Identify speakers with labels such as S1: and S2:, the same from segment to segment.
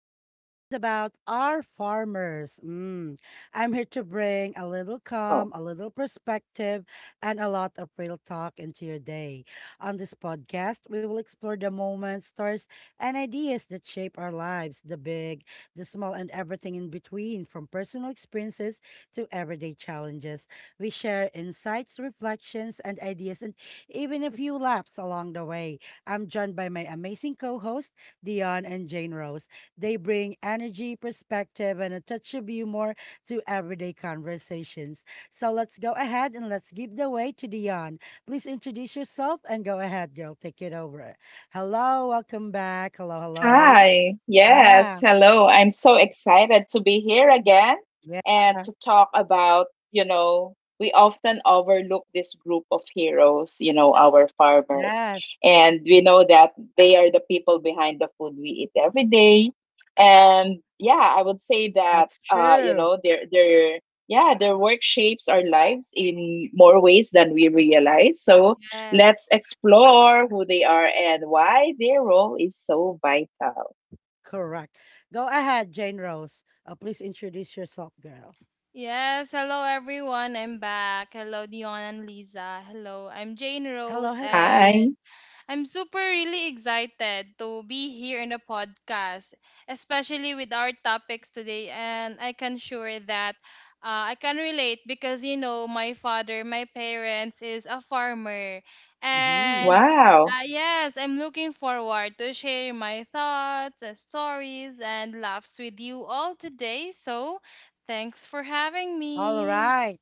S1: Our topic is about our farmers. Mm. I'm here to bring a little
S2: Oh,
S1: calm, a little perspective, and a lot of real talk into your day. On this podcast, we will explore the moments, stories, and ideas that shape our lives, the big, the small, and everything in between, from personal experiences to everyday challenges. We share insights, reflections, and ideas, and even a few laughs along the way. I'm joined by my amazing co host, Dion and Jane Rose. They bring energy, perspective, and a touch of humor to everyday conversations. So let's go ahead and let's give the way to Dion. Please introduce yourself and go ahead, girl. Take it over. Hello, welcome back. Hello, hello.
S2: hi. Yes,
S1: Yeah,
S2: hello. I'm so excited to be here again
S1: yeah,
S2: and to talk about, we often overlook this group of heroes, our farmers.
S1: yes,
S2: And we know that they are the people behind the food we eat every day. And yeah, I would say that
S1: that's
S2: uh, you
S1: true.
S2: know, their their yeah, their work shapes our lives in more ways than we realize. So
S3: Yes.
S2: let's explore who they are and why their role is so vital.
S1: Correct. Go ahead, Jane Rose. Please introduce yourself, girl.
S3: Yes. Hello, everyone. I'm back. Hello, Dion and Lisa. Hello, I'm Jane
S1: Hello,
S3: Rose,
S2: Hi.
S1: hello.
S3: and I'm super really excited to be here in the podcast, especially with our topics today. And I can sure that I can relate because you know my father, my parents is a farmer,
S1: Mhm.
S3: and
S2: Wow.
S3: yes, I'm looking forward to share my thoughts, stories, and laughs with you all today. So, thanks for having
S1: All
S3: me.
S1: right.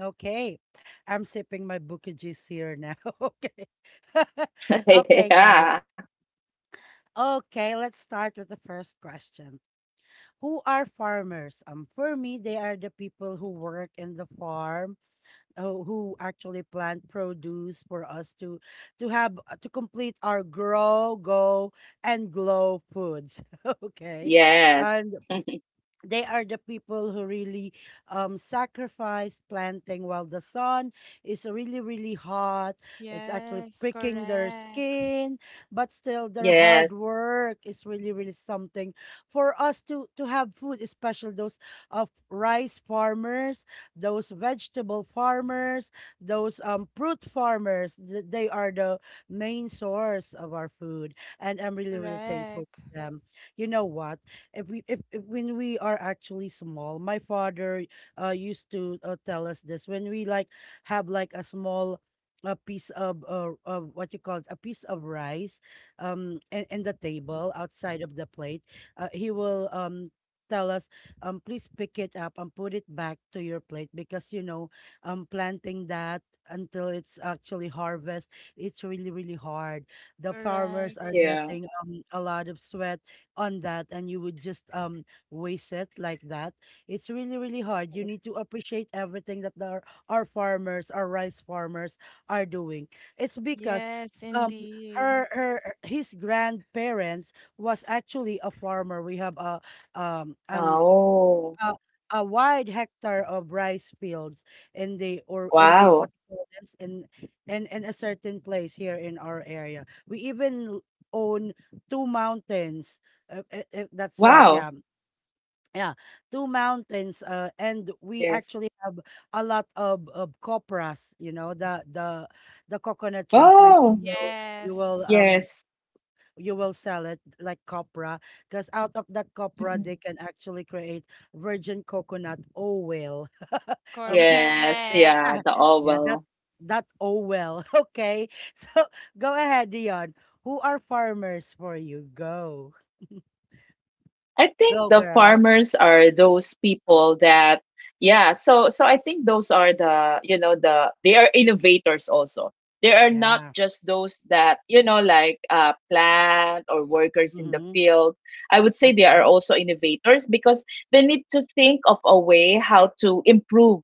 S1: Okay. I'm sipping my Bukijis here now. Okay. Okay, guys.
S2: Yeah.
S1: Okay, let's start with the first question. Who are farmers? For me, they are the people who work in the farm, who actually plant produce for us to have to complete our grow, go, and glow foods. Okay. And
S2: Yes.
S1: they are the people who really sacrifice planting while the sun is really really hot, it's actually
S3: Yes,
S1: pricking their
S3: correct,
S1: skin, but still their hard
S2: Yes.
S1: work is really really something for us to have food, especially those of rice farmers, those vegetable farmers, those fruit farmers, they are the main source of our food, and I'm really really thankful
S3: correct,
S1: to them. You know what, if when we are actually small, my father used to tell us this. When we like have like a small a piece of what you call it, a piece of rice and the table outside of the plate, he will tell us, please pick it up and put it back to your plate, because planting that until it's actually harvest, it's really really hard. The farmers
S3: correct.
S1: are getting
S2: Yeah.
S1: a lot of sweat on that, and you would just waste it like that. It's really, really hard. You need to appreciate everything that our farmers, our rice farmers are doing. It's because
S3: Yes,
S1: um
S3: indeed.
S1: her her his grandparents was actually a farmer. We have a an a
S2: Oh.
S1: a wide hectare of rice fields in the, what you
S2: Wow.
S1: call this, in a certain place here in our area. We even own two mountains. If that's right, yeah,
S2: Wow.
S1: yeah, two mountains. And we
S2: Yes.
S1: actually have a lot of copras. You know, the coconut trees, when
S2: Oh.
S1: you will
S3: Yes,
S1: um
S2: Yes.
S1: you will sell it like copra, because out of that copra
S2: Mm-mm.
S1: they can actually create virgin coconut oil.
S3: correct.
S1: Okay.
S2: Yes. Yeah. The
S1: Yeah,
S2: oval.
S1: that oil. Okay. So go ahead, Dion. Who are farmers for you? Go,
S2: I think
S1: go,
S2: the
S1: girl.
S2: farmers are those people that yeah, so I think those are they are innovators also. They are not
S1: Yeah.
S2: just those that like plant or workers in the
S1: Mm-hmm.
S2: field. I would say they
S1: Okay.
S2: are also innovators because they need to think of a way how to improve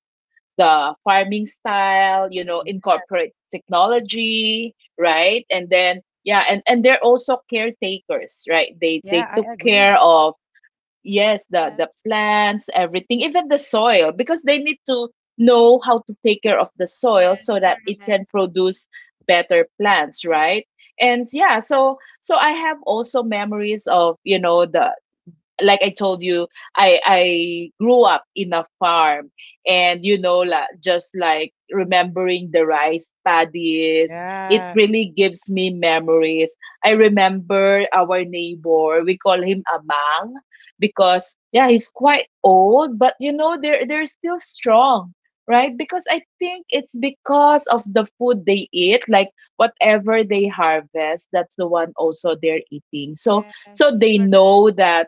S2: the farming style,
S1: Y-
S2: incorporate technology, right? And then yeah, and they're also caretakers, right? They
S1: yeah,
S2: took
S1: I agree.
S2: care of, yes, the
S3: Yes,
S2: plants, everything, even the soil, because they need to know how to take care of the soil
S3: yes,
S2: so that it
S3: correct.
S2: can produce better plants, right? And yeah, so I have also memories of, you know, the like I told you, I grew up in a farm, and just like remembering the rice paddies, it
S1: Yeah.
S2: really gives me memories. I remember our neighbor, we call him Amang, because yeah, he's quite old, but they're still strong. Right, because I think it's because of the food they eat, like whatever they harvest, that's the one also they're eating. So
S3: Yes,
S2: they know that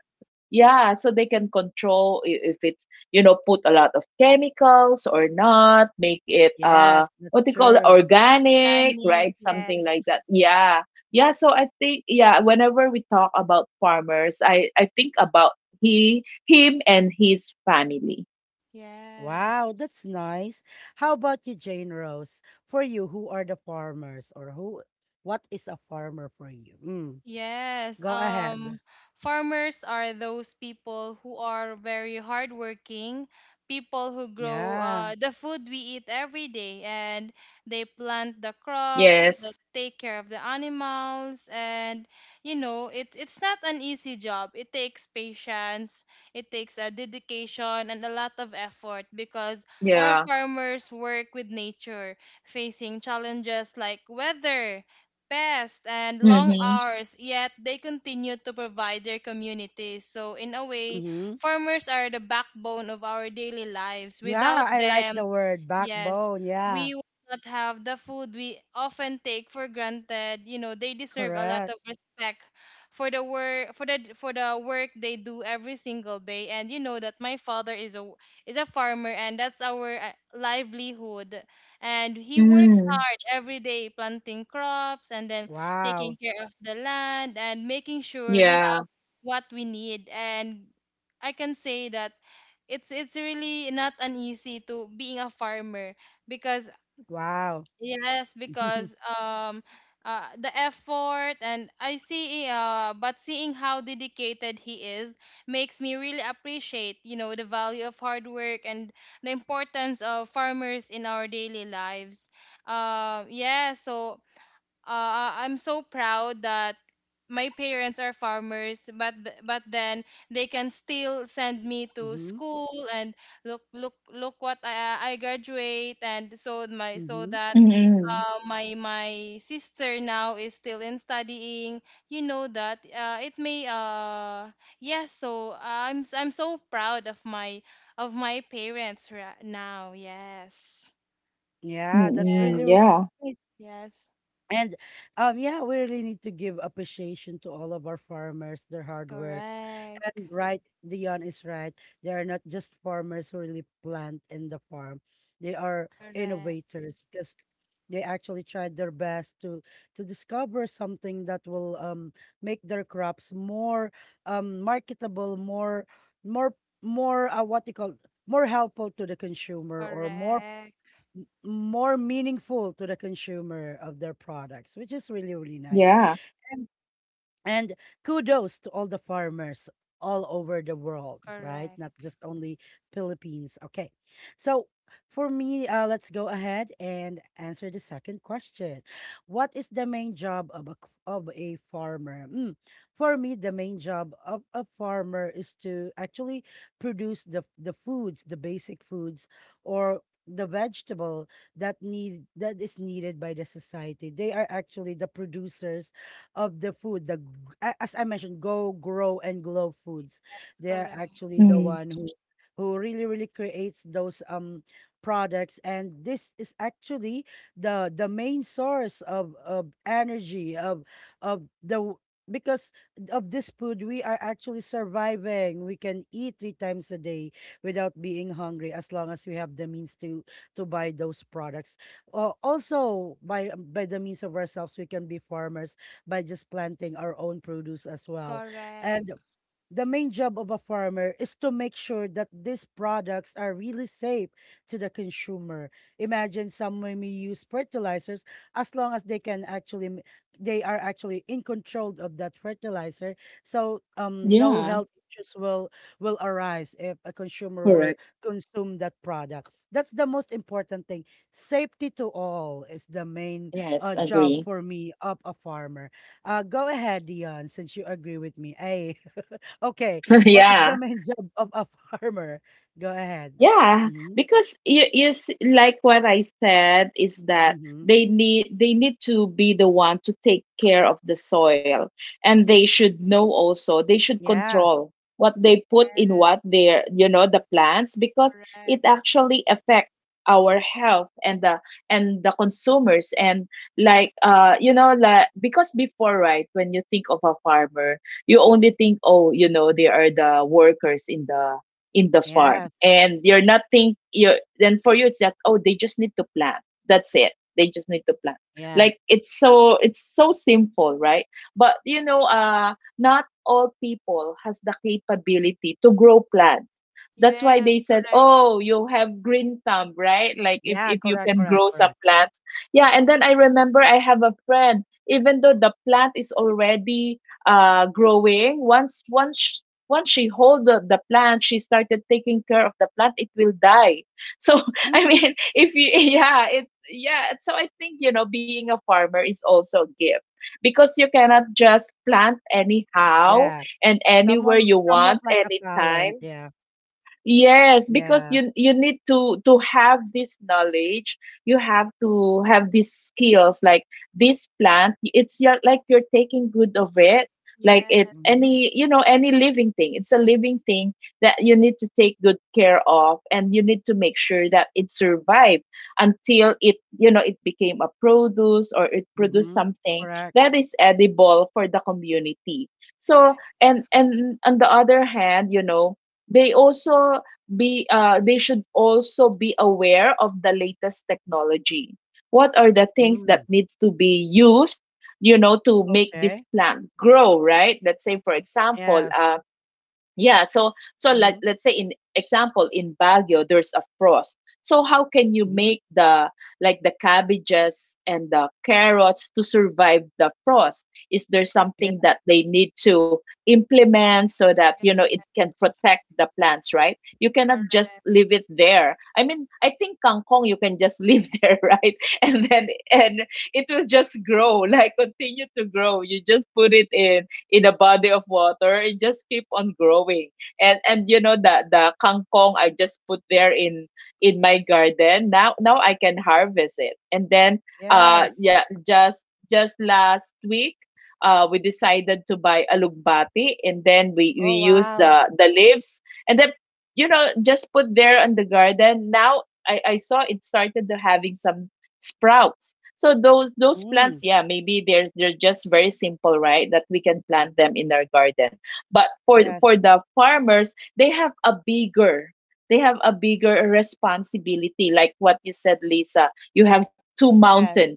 S2: yeah, so they can control if it's, put a lot of chemicals or not, make it
S1: Yes, that's
S2: what they call it,
S1: true.
S2: organic,
S3: organic.
S2: right? Something
S3: Yes,
S2: like that. Yeah. Yeah, so I think whenever we talk about farmers, I think about he him and his family.
S1: Wow,
S3: yes.
S1: that's nice. How about you, Jane Rose? For you, who are the farmers, or who what is a farmer for you? Mm,
S3: Yes,
S1: go ahead.
S3: farmers are those people who are very hardworking, people who grow
S1: Yeah.
S3: the food we eat every day, and they plant the
S2: Yes.
S3: crops, they take care of the animals, and you know, it's not an easy job. It takes patience, it takes a dedication and a lot of effort because
S2: Yeah.
S3: our farmers work with nature, facing challenges like weather, pest, and long
S2: Mm-hmm.
S3: hours, yet they continue to provide their communities. So, in a way,
S1: Mm-hmm.
S3: farmers are the backbone of our daily lives. Without
S1: Yeah, I like
S3: them,
S1: the word
S3: yes,
S1: backbone. Yeah,
S3: we will not have the food we often take for granted. You know, they deserve a lot
S1: correct.
S3: of respect for the work, for the work they do every single day. And you know that my father is a farmer, and that's our livelihood. And he works
S2: Mm.
S3: hard every day planting crops and then taking
S1: Wow.
S3: care of the land and making sure we
S2: Yeah.
S3: have what we need. And I can say that it's really not an easy to being a farmer because
S1: Wow.
S3: yes,
S1: Mm-hmm.
S3: because the effort and I see but seeing how dedicated he is makes me really appreciate you know the value of hard work and the importance of farmers in our daily lives. Yeah, so I'm so proud that my parents are farmers, but but then they can still send me to school, and look what I graduate, and so my, so
S1: Mm-hmm.
S3: that
S2: Mm-mm.
S3: my sister now is still in studying. You know that it may yes. So I'm I'm so proud of my parents right now. Yes.
S1: Yeah, that's
S3: Yes.
S2: Mm-mm.
S1: really, really
S2: Yeah.
S1: nice.
S3: Yes.
S1: And yeah, we really need to give appreciation to all of our farmers, their hard works.
S3: Correct.
S1: And right, Dion is right. They are not just farmers who really plant in the farm. They are
S3: Correct.
S1: innovators, because they actually tried their best to discover something that will make their crops more marketable, more more what you call, more helpful to the consumer, or more
S3: Correct,
S1: more meaningful to the consumer of their products, which is really, really nice.
S2: Yeah.
S1: And and kudos to all the farmers all over the world, right?
S3: correct,
S1: Not just only Philippines. Okay. So for me, let's go ahead and answer the second question. What is the main job of of a farmer? Mm. For me, the main job of a farmer is to actually produce the foods, the basic foods, or the vegetable that is needed by the society. They are actually the producers of the food, as I mentioned, Go Grow and Glow Foods. They're
S3: correct,
S1: actually the
S2: Mm.
S1: one who really really creates those products, and this is actually the main source of energy of the w- because of this food we are actually surviving. We can eat three times a day without being hungry, as long as we have the means to buy those products. Also, by the means of ourselves, we can be farmers by just planting our own produce as well. And
S3: correct,
S1: the main job of a farmer is to make sure that these products are really safe to the consumer. Imagine, some may use fertilizers, as long as they can actually they are actually in control of that fertilizer. So no
S2: Yeah.
S1: health issues will arise if a consumer were
S2: Correct.
S1: consume that product. That's the most important thing. Safety to all is the main,
S2: Yes,
S1: job
S2: agree.
S1: for me, of a farmer. Go ahead, Dion, since you agree with me. Hey. Okay. What is the
S2: Yeah.
S1: main job of a farmer? Go ahead.
S2: Yeah,
S1: Mm-hmm.
S2: because like what I said is that
S1: Mm-hmm.
S2: they need to be the one to take care of the soil, and they should know, also they should
S1: Yeah.
S2: control what they put in, what
S3: yes,
S2: their the plants, because it
S3: correct,
S2: actually affects our health and the consumers. And like like, because before, right, when you think of a farmer, you only think, oh, they are the workers in the farm,
S1: Yes.
S2: and you're not think, you, then for you it's that, oh, they just need to plant, that's it, they just need to plant,
S1: Yeah.
S2: like it's so simple, right? But not all people has the capability to grow plants. That's why they
S3: yes,
S2: said, oh, you have green thumb, right? Like if
S1: Yeah.
S2: if you
S1: Correct.
S2: can
S1: Correct.
S2: grow some
S1: Correct.
S2: plants. Yeah, and then I remember I have a friend, even though the plant is already growing, once she hold the plant, she started taking care of the plant, it will die. So I
S1: Mm.
S2: mean if you yeah it yeah so I think being a farmer is also a gift, because you cannot just plant anyhow
S1: Yeah.
S2: and anywhere
S1: Someone,
S2: you
S1: somewhat
S2: want
S1: like a talent.
S2: anytime.
S1: Yeah.
S2: Yes, because
S1: Yeah.
S2: you need to have this knowledge. You have to have these skills. Like this plant, it's your, like you're taking good of it. Like
S3: yes,
S2: it's
S1: Mm-hmm.
S2: any, any living thing. It's a living thing that you need to take good care of, and you need to make sure that it survived until it became a produce, or it produced
S1: Mm-hmm.
S2: something
S1: Correct.
S2: that is edible for the community. So,
S3: correct,
S2: and on the other hand, they also be they should also be aware of the latest technology, what are the things that
S1: Mm.
S2: needs to be used, to make this
S1: Okay.
S2: plant grow, right? Let's say, for example,
S1: Yes.
S2: yeah, so
S1: Mm-hmm.
S2: like let's say, in example, in Baguio there's a frost. So how can you
S1: Mm-hmm.
S2: make the like the cabbages and the carrots to survive the frost? Is there
S1: Yeah.
S2: something that they need to implement so that it can protect the plants, right? You cannot
S3: correct,
S2: just leave it there. I mean, I think kangkong you can just leave there, right? And then and it will just grow, like continue to grow. You just put it in a body of water, it just keep on growing. And the kangkong I just put there in my garden, now I can harvest it. And then
S1: Yes.
S2: yeah, just last week we decided to buy alugbati, and then we
S1: Oh,
S2: use
S1: wow.
S2: the leaves, and then just put there on the garden, now I saw it started to having some sprouts. So those plants,
S1: Mm.
S2: yeah, maybe they're just very simple, right? That we can plant them in our garden. But for
S1: Yes.
S2: for the farmers, they have a bigger responsibility, like what you said, Lisa. You have two
S1: Yes.
S2: mountains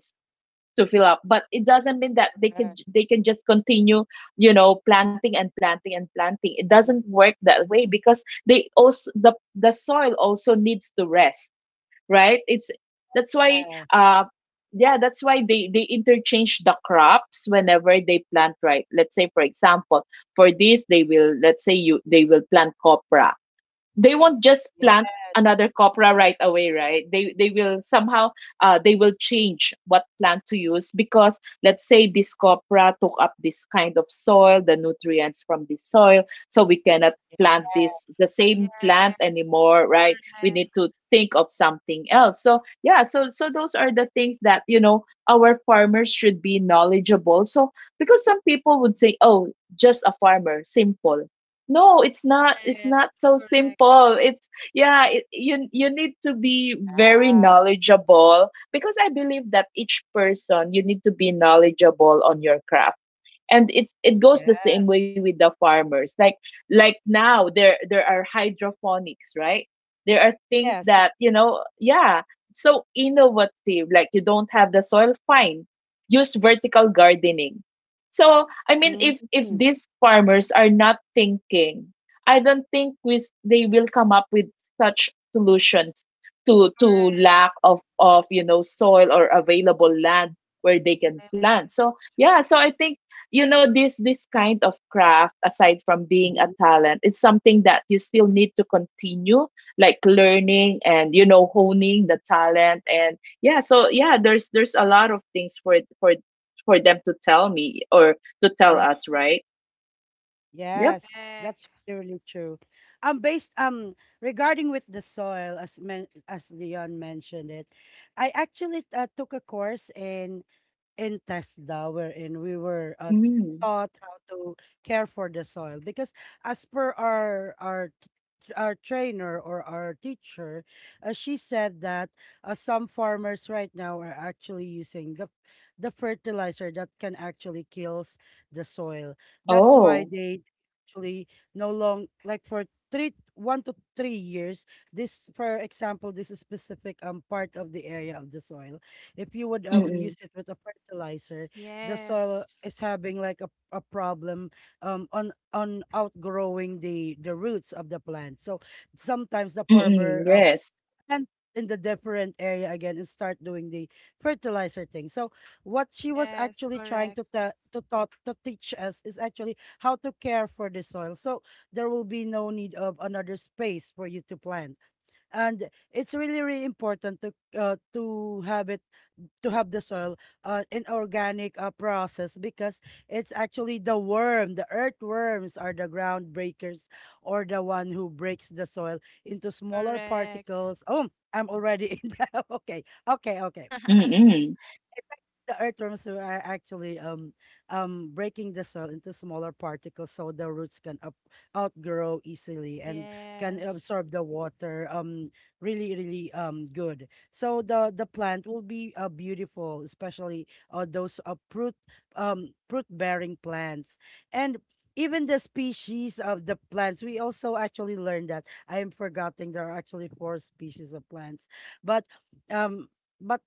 S2: to fill up, but it doesn't mean that they can
S1: Correct.
S2: they can just continue, planting and planting and planting. It doesn't
S1: Mhm.
S2: work that way, because the soil also needs to rest, right? it's that's why
S1: Yeah.
S2: uh yeah that's why they interchange the crops whenever they plant, right? Let's say, for example, for this they will, let's say, you they will plant copra, they won't just plant another copra right away, right? They will somehow, they will change what plant to use, because let's say this copra took up this kind of soil, the nutrients from this soil, so we cannot plant
S1: Yeah.
S2: this, the same plant
S3: yes,
S2: anymore, right? We need
S3: correct,
S2: to think of something else. So yeah, so those are the things that our farmers should be knowledgeable, so because some people would say, oh, just a farmer, simple. No, it's not
S3: yes,
S2: so
S3: correct,
S2: simple. It's you need to be very knowledgeable, because I believe that each person, you need to be knowledgeable on your craft, and it goes
S1: Yeah.
S2: the same way with the farmers. Like now there are hydroponics, right? There are things
S1: Yes.
S2: that yeah, so innovative, like you don't have the soil, fine, use vertical gardening. So I mean if
S1: Mm-hmm.
S2: these farmers are not thinking, I don't think they will come up with such solutions to
S3: correct,
S2: lack of soil or available land where they can plant. So
S3: yes,
S2: yeah, so I think this kind of craft, aside from being a
S1: Mm-hmm.
S2: talent, it's something that you still need to continue, like learning and honing the talent. And yeah, so yeah, there's a lot of things for for them to tell me, or to tell us, right? Yep.
S1: Yes, that's
S3: correct,
S1: really true. Based regarding with the soil, as men as Leon mentioned it, I actually took a course in Tesda, wherein we were
S2: Mm.
S1: taught how to care for the soil. Because, as per our our trainer, or our teacher, she said that some farmers right now are actually using the fertilizer that can actually kills the soil. That's why
S2: Oh.
S1: they actually no long, like for three one to 3 years, this, for example, this is specific part of the area of the soil. If you would use
S2: Mm-mm.
S1: it with a fertilizer, the soil
S3: yes,
S1: is having like a problem on outgrowing the roots of the plant. So sometimes the
S2: Mm-mm.
S1: farmer
S2: Yes.
S1: plant in the different area again and start doing the fertilizer thing. So what she was
S3: yes,
S1: actually trying
S3: correct,
S1: to te- to taught to teach us is actually how to care for the soil, so there will be no need of another space for you to plant. And it's really really important to have it, to have the soil, in organic process. Because it's actually the worm, the earthworms, are the ground breakers, or the one who breaks the soil into smaller
S3: correct,
S1: particles. Oh, I'm already in the okay, okay, okay,
S2: Mm-mm.
S1: the earthworms are actually breaking the soil into smaller particles, so the roots can up, outgrow easily, and can
S3: yes,
S1: absorb the water really really good, so the plant will be beautiful, especially those fruit bearing plants. And even the species of the plants, we also actually learned, that I am forgetting, there are actually four species of plants, but um but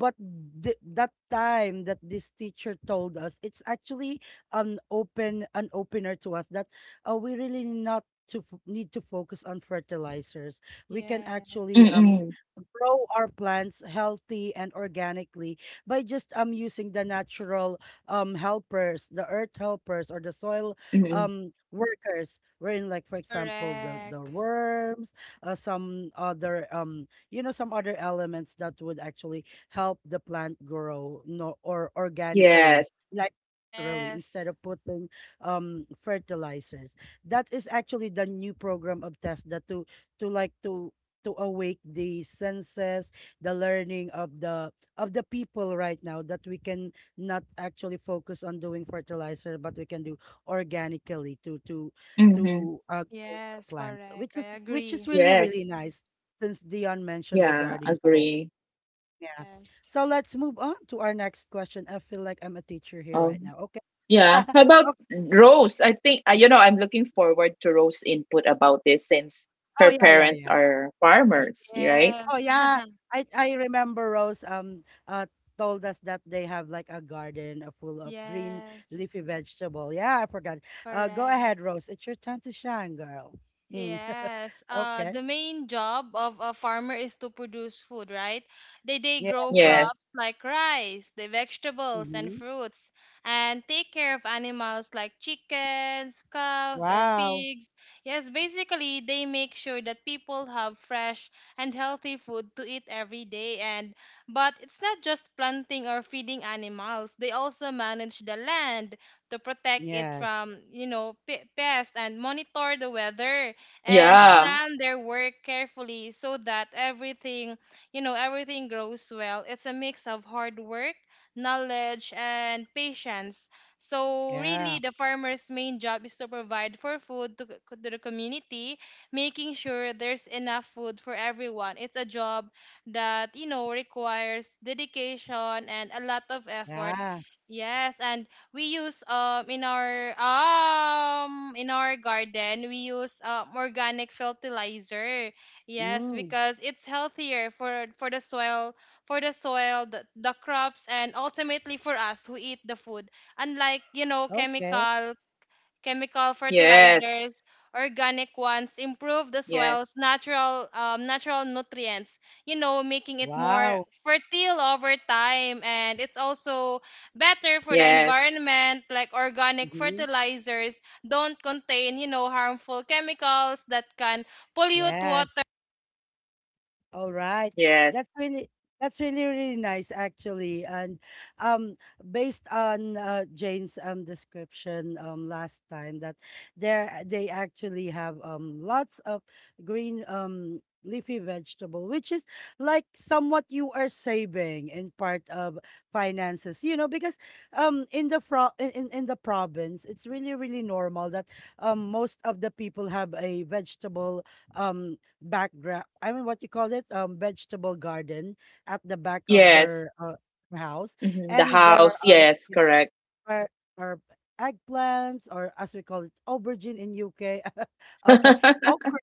S1: but that time that this teacher told us, it's actually an open, an opener to us, that we really not to need to focus on fertilizers. We can actually
S3: yes,
S2: Mm-mm.
S1: grow our plants healthy and organically by just using the natural helpers, the earth helpers, or the soil
S2: Mm-mm.
S1: workers, wherein, like for example, the
S3: correct,
S1: worms, uh, some other um some other elements that would actually help the plant grow no or organically,
S2: Yes.
S1: like naturally,
S3: yes,
S1: instead of putting fertilizers. That is actually the new program of tesla to to like to awake the senses, the learning of the people right now, that we can not actually focus on doing fertilizer, but we can do organically to to
S2: Mm-hmm.
S1: to uh, grow our
S3: yes,
S1: plants,
S3: correct,
S1: which
S3: I
S1: is
S3: agree,
S1: really really
S2: Yes.
S1: nice, since Dion mentioned
S2: Yeah,
S1: regarding song.
S2: agree.
S1: Yeah.
S3: yes,
S1: So let's move on to our next question. I feel like I'm a teacher here
S2: Oh.
S1: right now. Okay.
S2: Yeah. How about
S1: Okay.
S2: Rose? I think I'm looking forward to Rose's input about this, since
S1: Oh
S2: her
S1: yeah, yeah,
S2: parents
S1: yeah.
S2: are
S1: Okay.
S2: farmers, right?
S3: yes.
S1: Oh yeah. I remember Rose told us that they have like a garden, full of green
S3: Yes,
S1: leafy vegetable. Yeah, I forgot. Go ahead,
S3: correct.
S1: Rose. It's your time to shine, girl. Mm.
S3: Yes.
S1: Okay.
S3: The main job of a farmer is to produce food, right? They
S1: Yeah,
S3: grow
S2: Yes.
S1: correct.
S3: crops like rice, the vegetables and
S1: Mm-hmm.
S3: fruits, and take care of animals like chickens, cows, or
S1: Wow.
S3: pigs. Yes, basically they make sure that people have fresh and healthy food to eat every day. And but it's not just planting or feeding animals. They also manage the land to protect it
S1: Yes.
S3: from, you know, pests, and monitor the weather and
S2: Yeah.
S1: Mm-hmm.
S3: plan their work carefully so that everything, you know, everything grows well. It's a mix of hard work, knowledge, and patience. So really,
S1: Yeah.
S3: the farmer's main job is to provide for food to, to the community, making sure there's enough food for everyone. It's a job that you know requires dedication and a lot of effort.
S1: Yeah.
S3: Yes, and we use in our, in our garden we use organic fertilizer. Yes,
S1: Mm.
S3: because it's healthier for the soil, the crops, and ultimately for us who eat the food. Unlike you know
S1: Okay.
S3: chemical,
S2: Yes.
S3: fertilizers, organic ones
S2: Yes.
S3: improve the soil's natural natural nutrients, you know, making it more
S1: Wow.
S3: fertile over time, and it's also better
S2: Yes.
S3: for the environment. Like organic
S1: Mhm.
S3: fertilizers don't contain, you know, harmful chemicals that can pollute water.
S1: Yes. All right.
S2: Yes.
S1: That's really that's really really nice actually. And um Based on Jane's description last time that there they actually have lots of green leafy vegetable, which is like somewhat you are saving in part of finances, you know, because in the in the province it's really really normal that most of the people have a vegetable um background, I mean, what you call it, vegetable garden at the back of
S2: Yes.
S1: their house.
S2: Hmm. The
S1: And there are
S2: house.
S1: a lot,
S2: Yes.
S1: yeah,
S2: Correct.
S1: are, are eggplants, or as we call it aubergine in UK, okay, okra,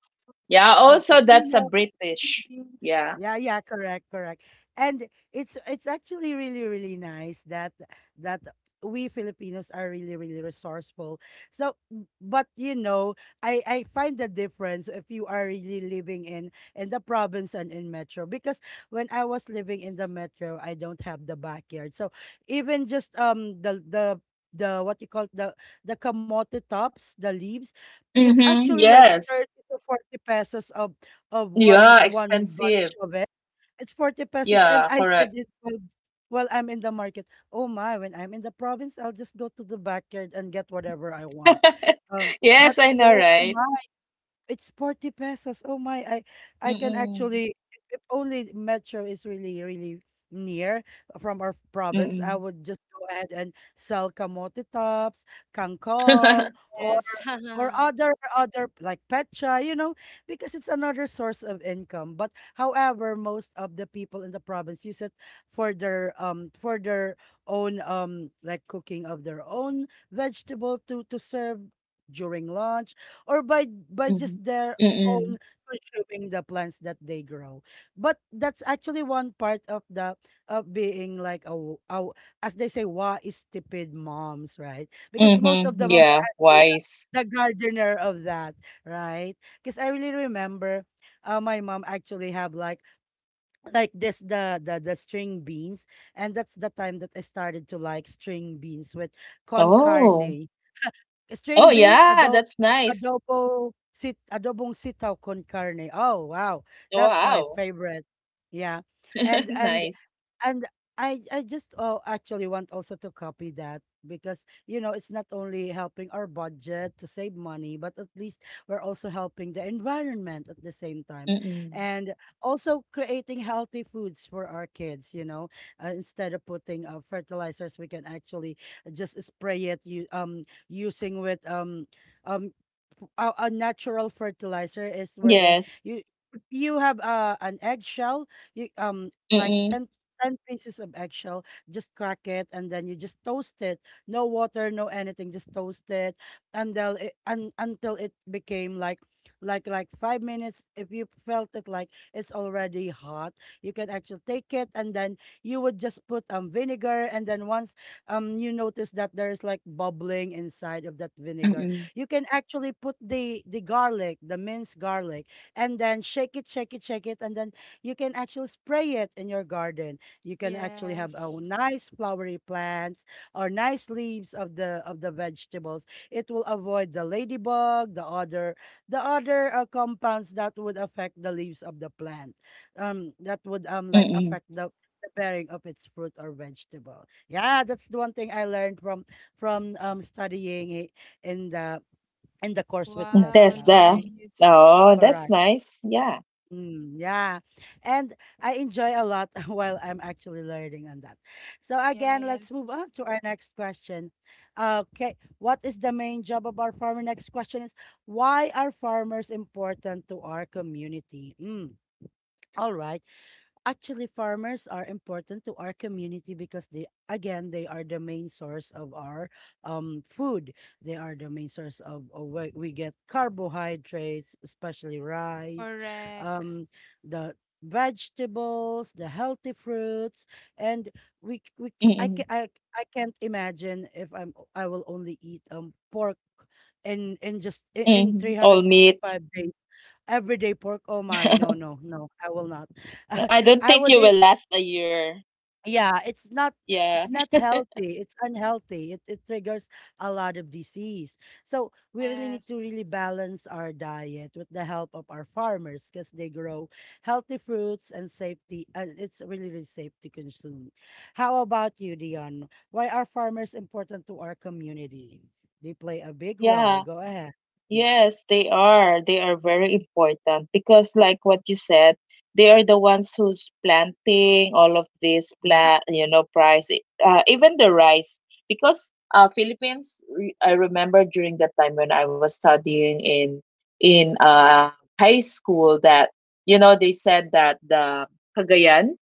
S2: Yeah.
S1: uh,
S2: Also, that's a British.
S1: things.
S2: Yeah.
S1: Yeah, yeah, correct, correct. And it's actually really, really nice that that we Filipinos are really, really resourceful. So, but you know, I find the difference if you are really living in the province and in metro, because when I was living in the metro, I don't have the backyard. So even just the the what you call the kamote tops, the leaves, it's
S2: Mm-hmm.
S1: actually like
S2: Yes.
S1: 30 to 40 pesos of
S2: Yeah.
S1: one
S2: Expensive.
S1: bunch of it. It's 40 pesos. And
S2: Yeah.
S1: I said
S2: Correct.
S1: it while I'm in the market. Oh my, when I'm in the province, I'll just go to the backyard and get whatever I want. Um, but
S2: Yes, I know,
S1: here,
S2: right?
S1: it's 40 pesos. Oh my, I can
S2: Mm-mm.
S1: actually, if only Metro is really really near from our province, I
S2: Mm-mm.
S1: would just go ahead and sell kamote tops, kangkong,
S3: Yes.
S1: or other like petcha, you know, because it's another source of income. But however, most of the people in the province use it for their own like cooking of their own vegetable to serve during lunch, or by
S2: Mhm.
S1: just their
S2: Mm-mm.
S1: own, consuming the plants that they grow. But that's actually one part of the of being like a, as they say, wa is stupid moms, right? Because most
S2: Mhm.
S1: of the mom are
S2: Yeah,
S1: actually
S2: wise.
S1: the gardener of that, right? Because I really remember my mom actually have like this the, the string beans, and that's the time that I started to like string beans with con
S2: Oh.
S1: carne. String
S2: Oh
S1: beans,
S2: yeah, that's nice.
S1: adobong sitaw con carne. Oh, wow.
S2: Oh,
S1: That's my
S2: wow.
S1: favorite. Yeah. And and
S2: Nice.
S1: and I just oh actually want also to copy that, because you know it's not only helping our budget to save money, but at least we're also helping the environment at the same time,
S2: Mm-mm.
S1: and also creating healthy foods for our kids, you know. Instead of putting fertilizers, we can actually just spray it, you using with um f- a natural fertilizer, is wherein
S2: Yes.
S1: you you have an eggshell, you like 10
S2: Mm-mm.
S1: 10 pieces of eggshell, just crack it and then you just toast it. No water, no anything, just toast it until it, until it became like 5 minutes. If you felt it like it's already hot, you can actually take it, and then you would just put vinegar, and then once you notice that there is like bubbling inside of that vinegar,
S2: Mm-mm.
S1: you can actually put the garlic, the minced garlic, and then shake it, shake it, shake it, and then you can actually spray it in your garden. You can actually have a
S3: Yes.
S1: nice flowery plants or nice leaves of the vegetables. It will avoid the ladybug, the other compounds that would affect the leaves of the plant. That would like
S2: Mm-mm.
S1: affect the bearing of its fruit or vegetable. Yeah, that's the one thing I learned from studying it in the in the course with
S2: Mm,
S3: Wow,
S2: that's
S1: Tesla.
S2: the.
S3: nice.
S2: Oh, that's
S1: Correct.
S2: nice. Yeah.
S1: Mm, yeah. And I enjoy a lot while I'm actually learning on that. So again,
S3: Yes.
S1: let's move on to our next question. Okay, what is the main job of our farmer? Next question is, why are farmers important to our community? Mm, all right. Actually, farmers are important to our community because they, again, they are the main source of our food. They are the main source of where we get carbohydrates, especially rice,
S3: Correct.
S1: um, the vegetables, the healthy fruits, and we c- we c- I
S2: Mm-mm.
S1: can I, I can't imagine if I will only eat pork in in
S2: Mm-hmm. All meat.
S1: 365 days, everyday pork. Oh my, no, no, no, I will not.
S2: I don't
S1: I
S2: think
S1: would
S2: you
S1: i-
S2: will last a year.
S1: yeah, it's not,
S2: Yeah.
S1: it's not healthy. It's unhealthy. It triggers a lot of disease. So we really
S3: Yes.
S1: need to really balance our diet with the help of our farmers, because they grow healthy fruits and safety, and it's really, really safe to consume. How about you, Dion? Why are farmers important to our community? They play a big role.
S2: Yeah.
S1: Go ahead.
S2: Yes, they are. They are very important because, like what you said, they are the ones who's planting all of this
S1: Mhm.
S2: plant, even the rice. Because Philippines, I remember during the time when I was studying in high school, that they said that the Cagayan,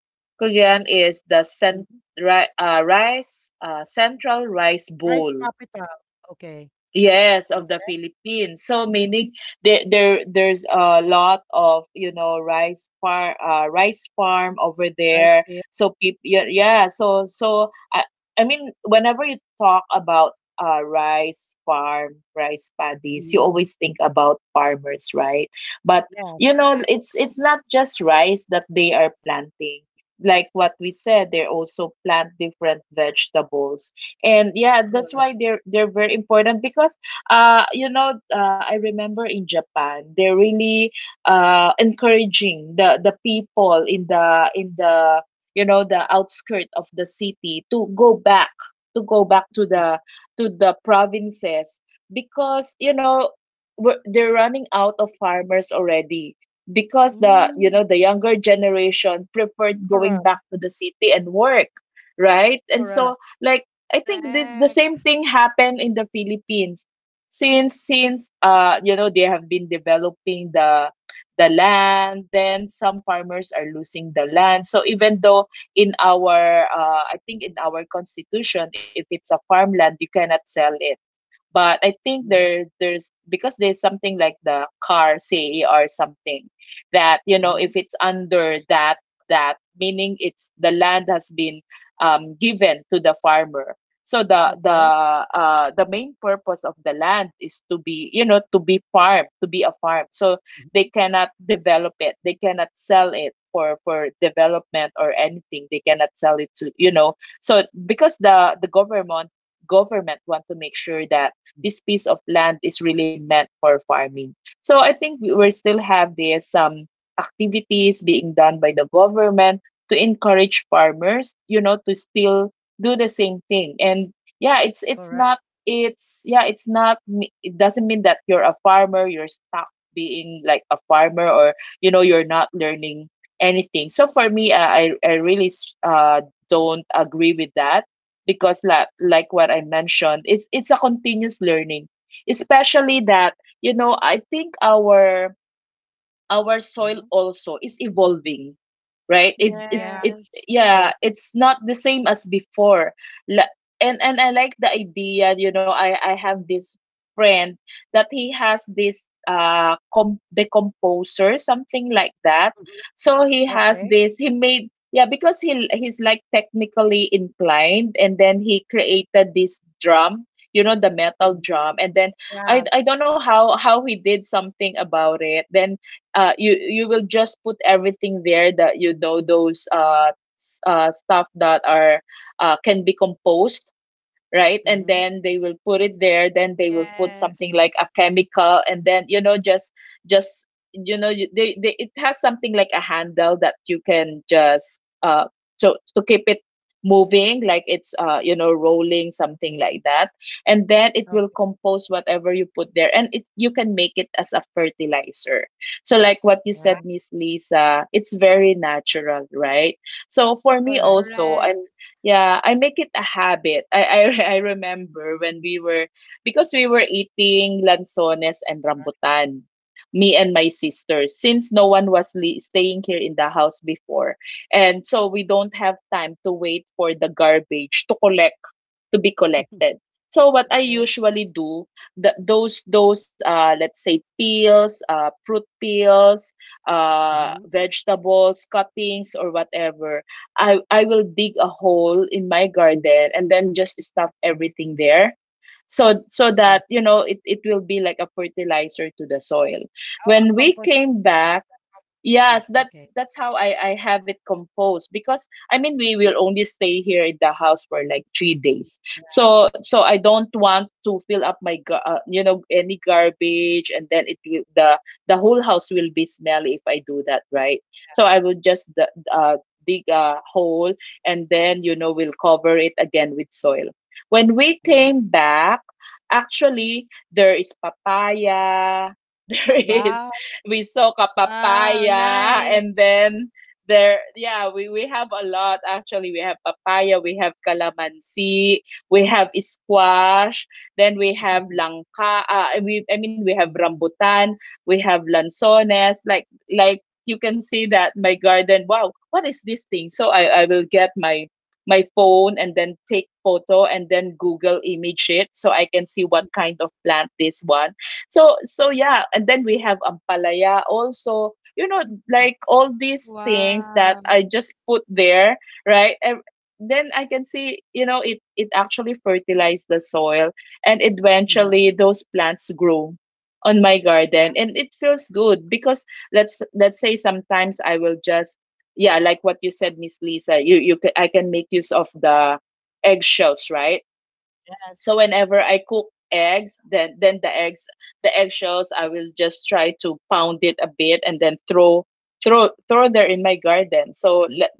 S2: Cagayan is the
S1: Mhm.
S2: central rice
S1: Rice
S2: bowl.
S1: capital. Okay.
S2: Yes, of the
S1: Okay.
S2: Philippines. So meaning there's a lot of, rice farm over
S1: Rice
S2: there.
S1: field.
S2: So people yeah, yeah, so I mean whenever you talk about rice farm, rice paddies, you
S1: Mm-hmm.
S2: always think about farmers, right? But
S1: Yes,
S2: it's not just rice that they are planting. Like what we said, they also plant different vegetables, and yeah, that's
S1: correct.
S2: why they're very important. Because I remember in Japan, they're really encouraging the people in the you know, the outskirt of the city to go back, to go back to the to the provinces, because you know, they're running out of farmers already, because the you
S1: Mm,
S2: know, the younger generation preferred going
S1: correct.
S2: back to the city and work, right? And
S1: Correct.
S2: so like, I think this the
S3: Correct.
S2: same thing happened in the Philippines. Since you know, they have been developing the land, then some farmers are losing the land. So even though in our I think in our constitution, if it's a farmland, you cannot sell it. But I think there
S1: Mm-hmm.
S2: there's because there's something like the Car Say or something, that you know,
S1: Mm-hmm.
S2: if it's under that, that meaning it's the land has been given to the farmer. So
S1: Okay.
S2: the main purpose of the land is to be, you know, to be farm, to be a farm. So they
S1: Mhm,
S2: cannot develop it, they cannot sell it for development or anything, they cannot sell it to, you know. So because the government want to make sure that
S1: mm,
S2: this piece of land is really meant for farming. So I think we will still have this activities being done by the government to encourage farmers, you know, to still do the same thing. And yeah, it's not,
S1: correct.
S2: it's, yeah, it's not it doesn't mean that you're a farmer, you're stuck being like a farmer, or you know, you're not learning anything. So for me, I really don't agree with that, because like what I mentioned, it's a continuous learning, especially that you know, I think our soil
S1: Mhm.
S2: also is evolving, right? it it's
S1: Yeah,
S2: it
S3: Yes.
S1: true.
S2: Yeah, it's not the same as before. La- and I like the idea, you know, I have this friend that he has this decomposer, something like that.
S1: Mhm.
S2: So he has
S1: Okay.
S2: this, he made, yeah, because he's like technically inclined, and then he created this drum, you know, the metal
S1: Mhm.
S2: drum. And then i
S1: Yeah.
S2: i don't know how he did something about it. Then uh, you will just put everything there, that you know, those stuff that are uh, can be composed, right? And
S1: Mhm.
S2: then they will put it there. Then they will put something
S3: Yes.
S2: like a chemical, and then you know, just just you know, they, it has something like a handle that you can just uh, so to keep it moving, like it's uh, you know, rolling, something like that. And then it will
S1: Okay.
S2: compose whatever you put there, and it, you can make it as a fertilizer. So like what you
S1: Yeah,
S2: said, Miss Lisa, it's very natural, right? So for
S3: That's
S2: me
S1: correct.
S2: also, I'm
S3: correct.
S2: yeah, I make it a habit. I I remember when we were, because we were eating lanzones and rambutan, me and my sister, since no one was li staying here in the house before. And so we don't have time to wait for the garbage to collect to be collected. So what I
S1: Okay.
S2: usually do, the, those uh, let's say peels, uh, fruit peels, uh,
S1: Mhm.
S2: vegetables, cuttings, or whatever. I will dig a hole in my garden and then just stuff everything there. So so
S1: Mm.
S2: that you know, it will be like a fertilizer to the soil.
S1: Oh, a
S2: When we
S1: compost
S2: came back,
S1: seed.
S2: yes, that
S1: Okay.
S2: that's how I have it composed, because I mean, we will only stay here in the house for like three
S1: Mhm.
S2: days.
S1: Yeah.
S2: So so I don't want to fill up my you know, any garbage, and then it will the whole house will be smelly if I do that, right? So I will just uh dig a hole, and then you know, we'll cover it again with soil. When we
S1: Mhm.
S2: came back, actually there is papaya. There is,
S1: Wow.
S2: we soak a
S3: Wow,
S2: papaya,
S3: nice.
S2: and then there, yeah, we have a lot, actually. We have papaya, we have calamansi, we have squash, then we have langka, we I mean, we have rambutan, we have lanzones, like you can see that my garden, wow, what is this thing? So I will get my phone, and then take photo, and then google image it, so I can see what kind of plant this one. So so yeah, and then we have ampalaya also. You know, like all these things that
S3: Wow.
S2: I just put there, right? And then I can see, you know, it actually fertilized the soil, and
S1: Mhm.
S2: eventually those plants grow on my
S1: Yeah.
S2: garden, and it feels good because let's say, sometimes I will just, yeah, like what you said, Miss Lisa, I can make use of the eggshells, right? So
S1: Yes.
S2: whenever I cook eggs, then the eggs, the eggshells, I will just try to pound it a bit, and then throw, throw there in my garden. So let,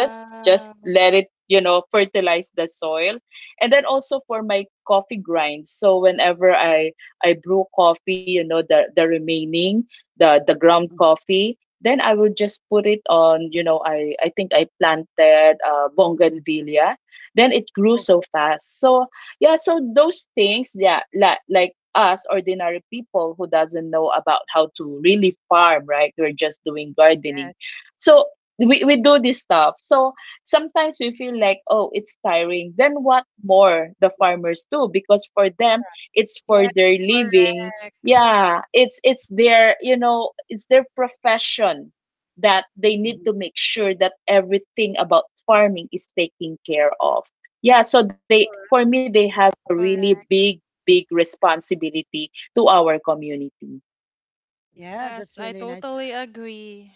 S2: just let it, you know, fertilize the soil. And then also for my coffee grind. So whenever I brew coffee, you know, the remaining, the ground
S1: Mhm.
S2: coffee, then I will just put it on, you know, I think I planted uh, bougainvillea, then it grew so
S1: Okay.
S2: fast. So yeah, so those things. Yeah, like us ordinary people who doesn't know about how to really farm, right, we're just doing gardening.
S1: Yes.
S2: So we do this stuff, so sometimes we feel like, oh, it's tiring, then what more the farmers do, because for them, it's for
S3: Yes,
S2: their living.
S3: correct.
S2: Yeah, it's their, you know, it's their profession, that they need
S1: Mhm.
S2: to make sure that everything about farming is taken care of. Yeah, so they, for
S1: Correct.
S2: me, they have a really big,
S3: Correct.
S2: big responsibility to our community.
S1: Yeah,
S3: Yes,
S1: that's
S3: I
S1: really nice.
S3: totally agree.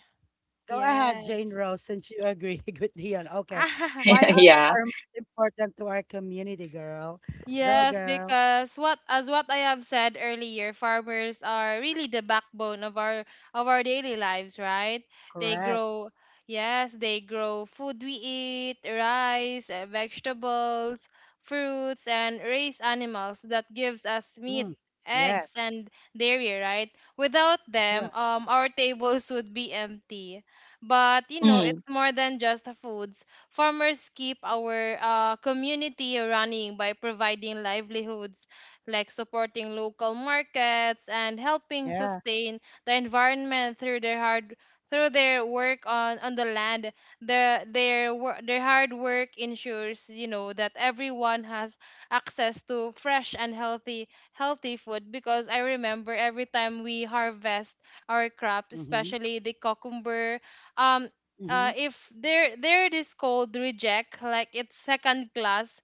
S1: Go ahead,
S3: Yes.
S1: Jane Rose, since you agree with Dion. Okay. Why are
S2: Yeah.
S1: farmers important to our community, girl? Go,
S3: Yes,
S1: girl.
S3: because what as what I have said earlier, farmers are really the backbone of our daily lives, right? They
S1: Correct.
S3: grow, yes, they grow food we eat: rice, vegetables, fruits, and raise animals that gives us meat,
S1: Mm.
S3: eggs,
S1: Yes.
S3: and dairy, right? Without them,
S1: Correct.
S3: um, our tables would be empty. But you know,
S2: Mm.
S3: it's more than just the foods. Farmers keep our community running by providing livelihoods like supporting local markets and helping
S1: Yeah.
S3: sustain the environment through their hard, through their work on the land. The their their hard work ensures you know that everyone has access to fresh and healthy, food, because I remember every time we harvest our crop,
S1: Mm-hmm.
S3: especially the cucumber. um
S1: Mm-hmm.
S3: if there, they this called reject, like it's second class,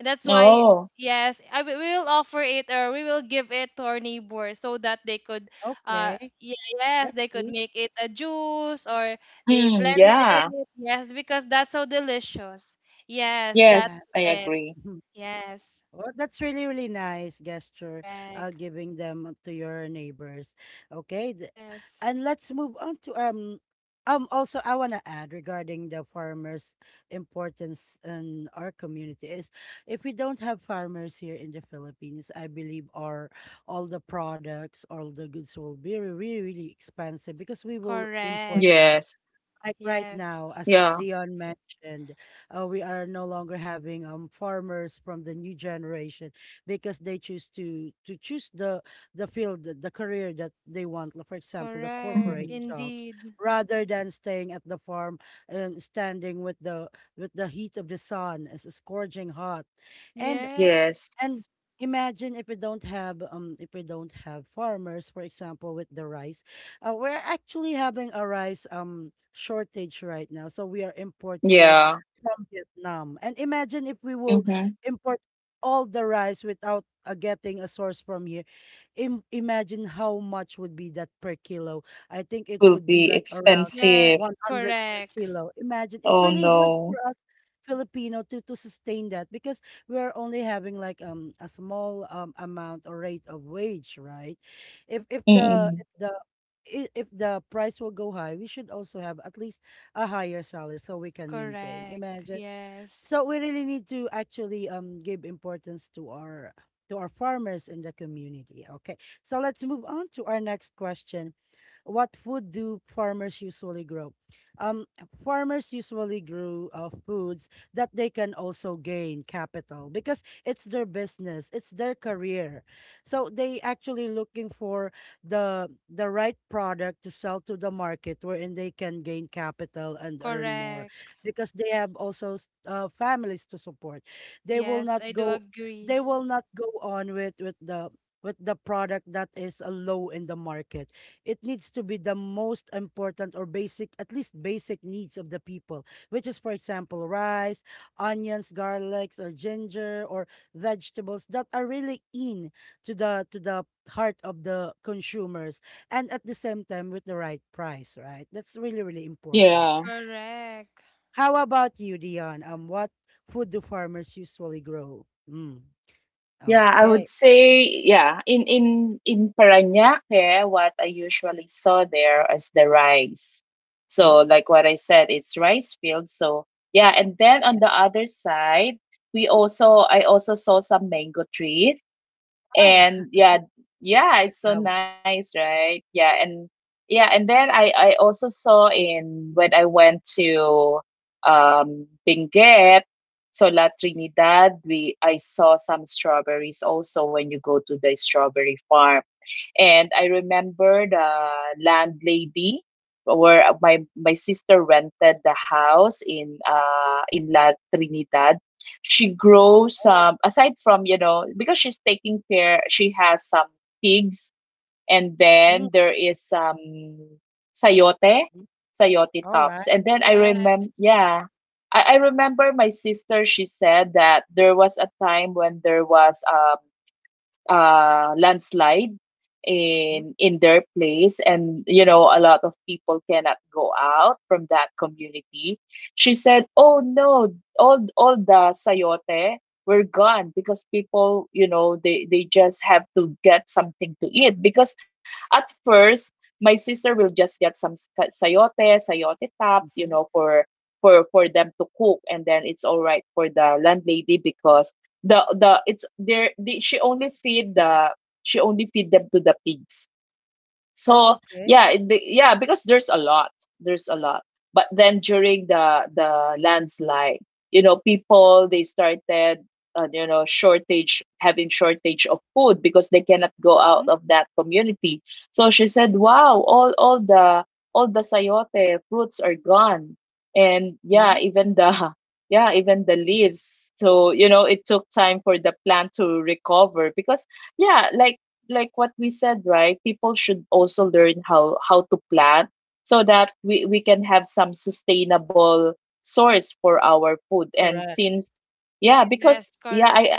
S3: that's why,
S2: Oh.
S3: yes, we will offer it or we will give it to our neighbor so that they could
S1: Okay.
S3: yes,
S1: That's
S3: they could
S1: sweet.
S3: make it a juice, or they
S2: Mm.
S3: blend
S2: Yeah.
S3: it, yes, because that's so delicious. Yes, that's
S1: Yeah.
S2: Yes, I
S3: it.
S2: agree.
S1: Mhm.
S3: Yes,
S1: Well, that's really, really nice gesture,
S3: correct,
S1: giving them to your neighbors. Okay.
S3: yes,
S1: And let's move on to also I want to add regarding the farmers' importance in our community is, if we don't have farmers here in the Philippines, I believe our, all the products, all the goods will be really, really expensive, because we will import
S3: correct,
S2: Yes.
S1: that. Like right
S3: yes,
S1: now, as
S2: Yeah.
S1: Leon mentioned, we are no longer having farmers from the new generation, because they choose to choose the field, the career that they want. For example, the
S3: correct,
S1: corporate
S2: Hmm.
S1: jobs,
S3: indeed,
S1: rather than staying at the farm and standing with the heat of the sun, as it's scorching hot. And
S2: Yes.
S3: yes,
S1: and imagine if we don't have if we don't have farmers, for example, with the rice. We're actually having a rice shortage right now, so we are importing it
S2: Yeah.
S1: from Vietnam. And imagine if we will
S2: Mm-hmm.
S1: import all the rice without getting a source from here. Imagine how much would be that per kilo. I think it
S2: Will
S1: would be
S2: be
S1: like around
S3: yes,
S2: expensive.
S1: 100 per
S3: correct.
S1: kilo. Imagine, it's
S2: Oh
S1: really hard for
S2: no.
S1: us Filipino to sustain that, because we are only having like a small amount or rate of wage, right? If
S2: Mm-mm.
S1: if the price will go high, we should also have at least a higher salary, so we can maintain.
S3: Correct.
S1: Imagine,
S3: Yes.
S1: so we really need to actually give importance to our farmers in the community. Okay. So let's move on to our next question, what food do farmers usually grow? Um, farmers usually grow foods that they can also gain capital, because it's their business, it's their career. So they actually looking for the right product to sell to the market, wherein they can gain capital and earn more,
S3: Correct.
S1: because they have also families to support. They will
S3: Yes,
S1: not
S3: I do
S1: go they
S3: agree.
S1: will not go on with with the product that is low in the market. It needs to be the most important or basic, at least basic needs of the people, which is for example rice, onions, garlics, or ginger, or vegetables that are really in to the heart of the consumers, and at the same time with the right price, right? That's really really important.
S2: Yeah.
S3: Correct.
S1: How about you, Dion? Um, what food do farmers usually grow? Mm,
S2: Yeah, I would
S1: okay.
S2: say, yeah. In in Parañaque, what I usually saw there is the rice.
S1: Mm,
S2: So like what I said, it's rice fields. So yeah, and then on
S1: yeah.
S2: the other side, we also I also saw some mango trees.
S1: Wow.
S2: And yeah, yeah,
S1: Like,
S2: it's so nice, right? Yeah, and yeah, and then I also saw, in when I went to um, Benguet, so La Trinidad, we I saw some strawberries also, when you go to the strawberry farm. And I remember the landlady, where my sister rented the house in La Trinidad. She grows um, aside from, you know, because she's taking care, she has some pigs, and
S1: mm,
S2: then there is some sayote,
S1: mm.
S2: sayote
S1: All right.
S2: tops. And then I
S3: Yes.
S2: remember yeah, I remember my sister, she said that there was a time when there was um, landslide
S1: Mm.
S2: in their place, and you know, a lot of people cannot go out from that community. She said, oh no, all the sayote were gone, because people, you know, they just have to get something to eat, because at first, my sister will just get some sayote sayote tops, you
S1: Mhm.
S2: know, for for them to cook. And then it's all right for the landlady, because the it's there the she only feed the, she only feed them to the pigs.
S1: Oh,
S2: So
S1: okay.
S2: yeah, yeah, because there's a lot, there's a lot. But then during the landslide, you know, people, they started, you know, shortage having shortage of food, because they cannot go out of that community. So she said, "Wow, all the sayote fruits are gone, and yeah,
S1: Mhm.
S2: even the yeah, even the leaves." So you know, it took time for the plant to recover, because yeah, like what we said, right? People should also learn how to plant, so that we can have some sustainable source for our food. And
S1: Correct.
S2: since yeah,
S3: Yes,
S2: because yeah,
S3: correct.
S2: I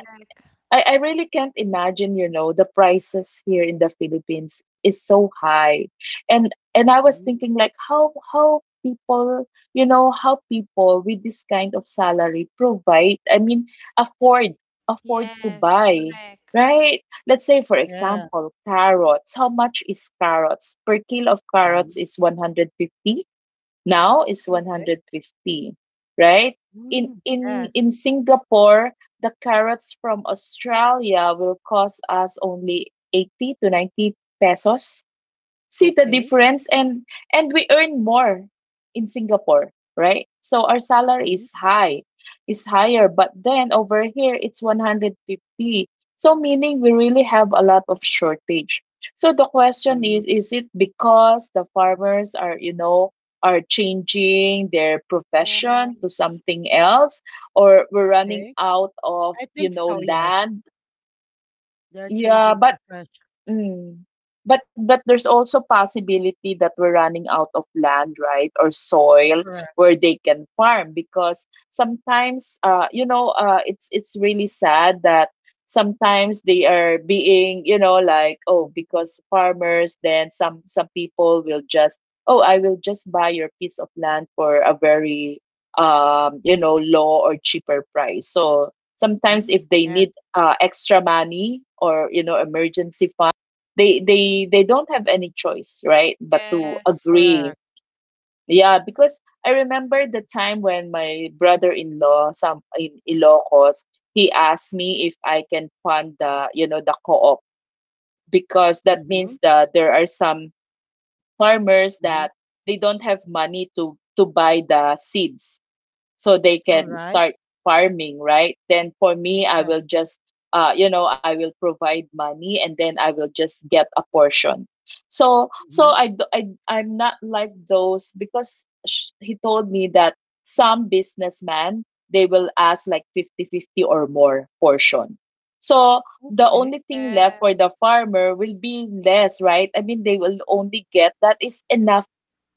S2: I, I really can't imagine, you know, the prices here in the Philippines is so high. And I was
S1: Mhm.
S2: thinking like how people, you know, how people with this kind of salary provide, I mean, afford afford to
S3: Yes,
S2: buy,
S3: correct.
S2: right? Let's say, for
S1: Yeah.
S2: example, carrots. How much is carrots? Per kilo of carrots
S1: Mhm.
S2: is 150. Now is
S1: Okay.
S2: 150, right? In
S1: Mm.
S2: in
S1: Yes.
S2: in Singapore, the carrots from Australia will cost us only 80 to 90 pesos. See the
S1: Okay.
S2: difference. And we earn more in Singapore, right? So our salary
S1: Mhm.
S2: is high, is higher, but then over here it's 150. So meaning we really have a lot of shortage. So the question
S1: Mhm.
S2: is it because the farmers are, you know, are changing their profession to
S3: Yes.
S2: something else, or we're running
S1: Okay.
S2: out of,
S1: I
S2: you
S1: think
S2: know,
S1: so, yes.
S2: land?
S1: They're
S2: Yeah,
S1: changing
S2: but,
S1: profession.
S2: mm. But there's also possibility that we're running out of land, right, or soil
S1: Correct.
S2: where they can farm because sometimes it's really sad that sometimes they are being, you know, like, oh, because farmers, then some people will just, oh, I will just buy your piece of land for a very you know low or cheaper price. So sometimes
S1: Mhm.
S2: if they
S1: Yes,
S2: need extra money or, you know, emergency, they don't have any choice, right, but to
S3: Yes.
S2: agree.
S1: correct.
S2: Yeah, because I remember the time when my brother-in-law, some in Ilocos, he asked me if I can fund the, you know, the co-op because that
S1: Mm-hmm.
S2: means that there are some farmers
S1: Mm-hmm.
S2: that they don't have money to buy the seeds so they
S1: All
S2: can
S1: right.
S2: start farming, right? Then for me, I
S1: Yeah.
S2: will just, you know, I will provide money and then I will just get a portion.
S1: Mm-hmm.
S2: I'm not like those because he told me that some businessmen, they will ask like 50-50 or more portion. So the
S1: Okay.
S2: only thing left
S3: Yeah.
S2: for the farmer will be less, right? I mean, they will only get that is enough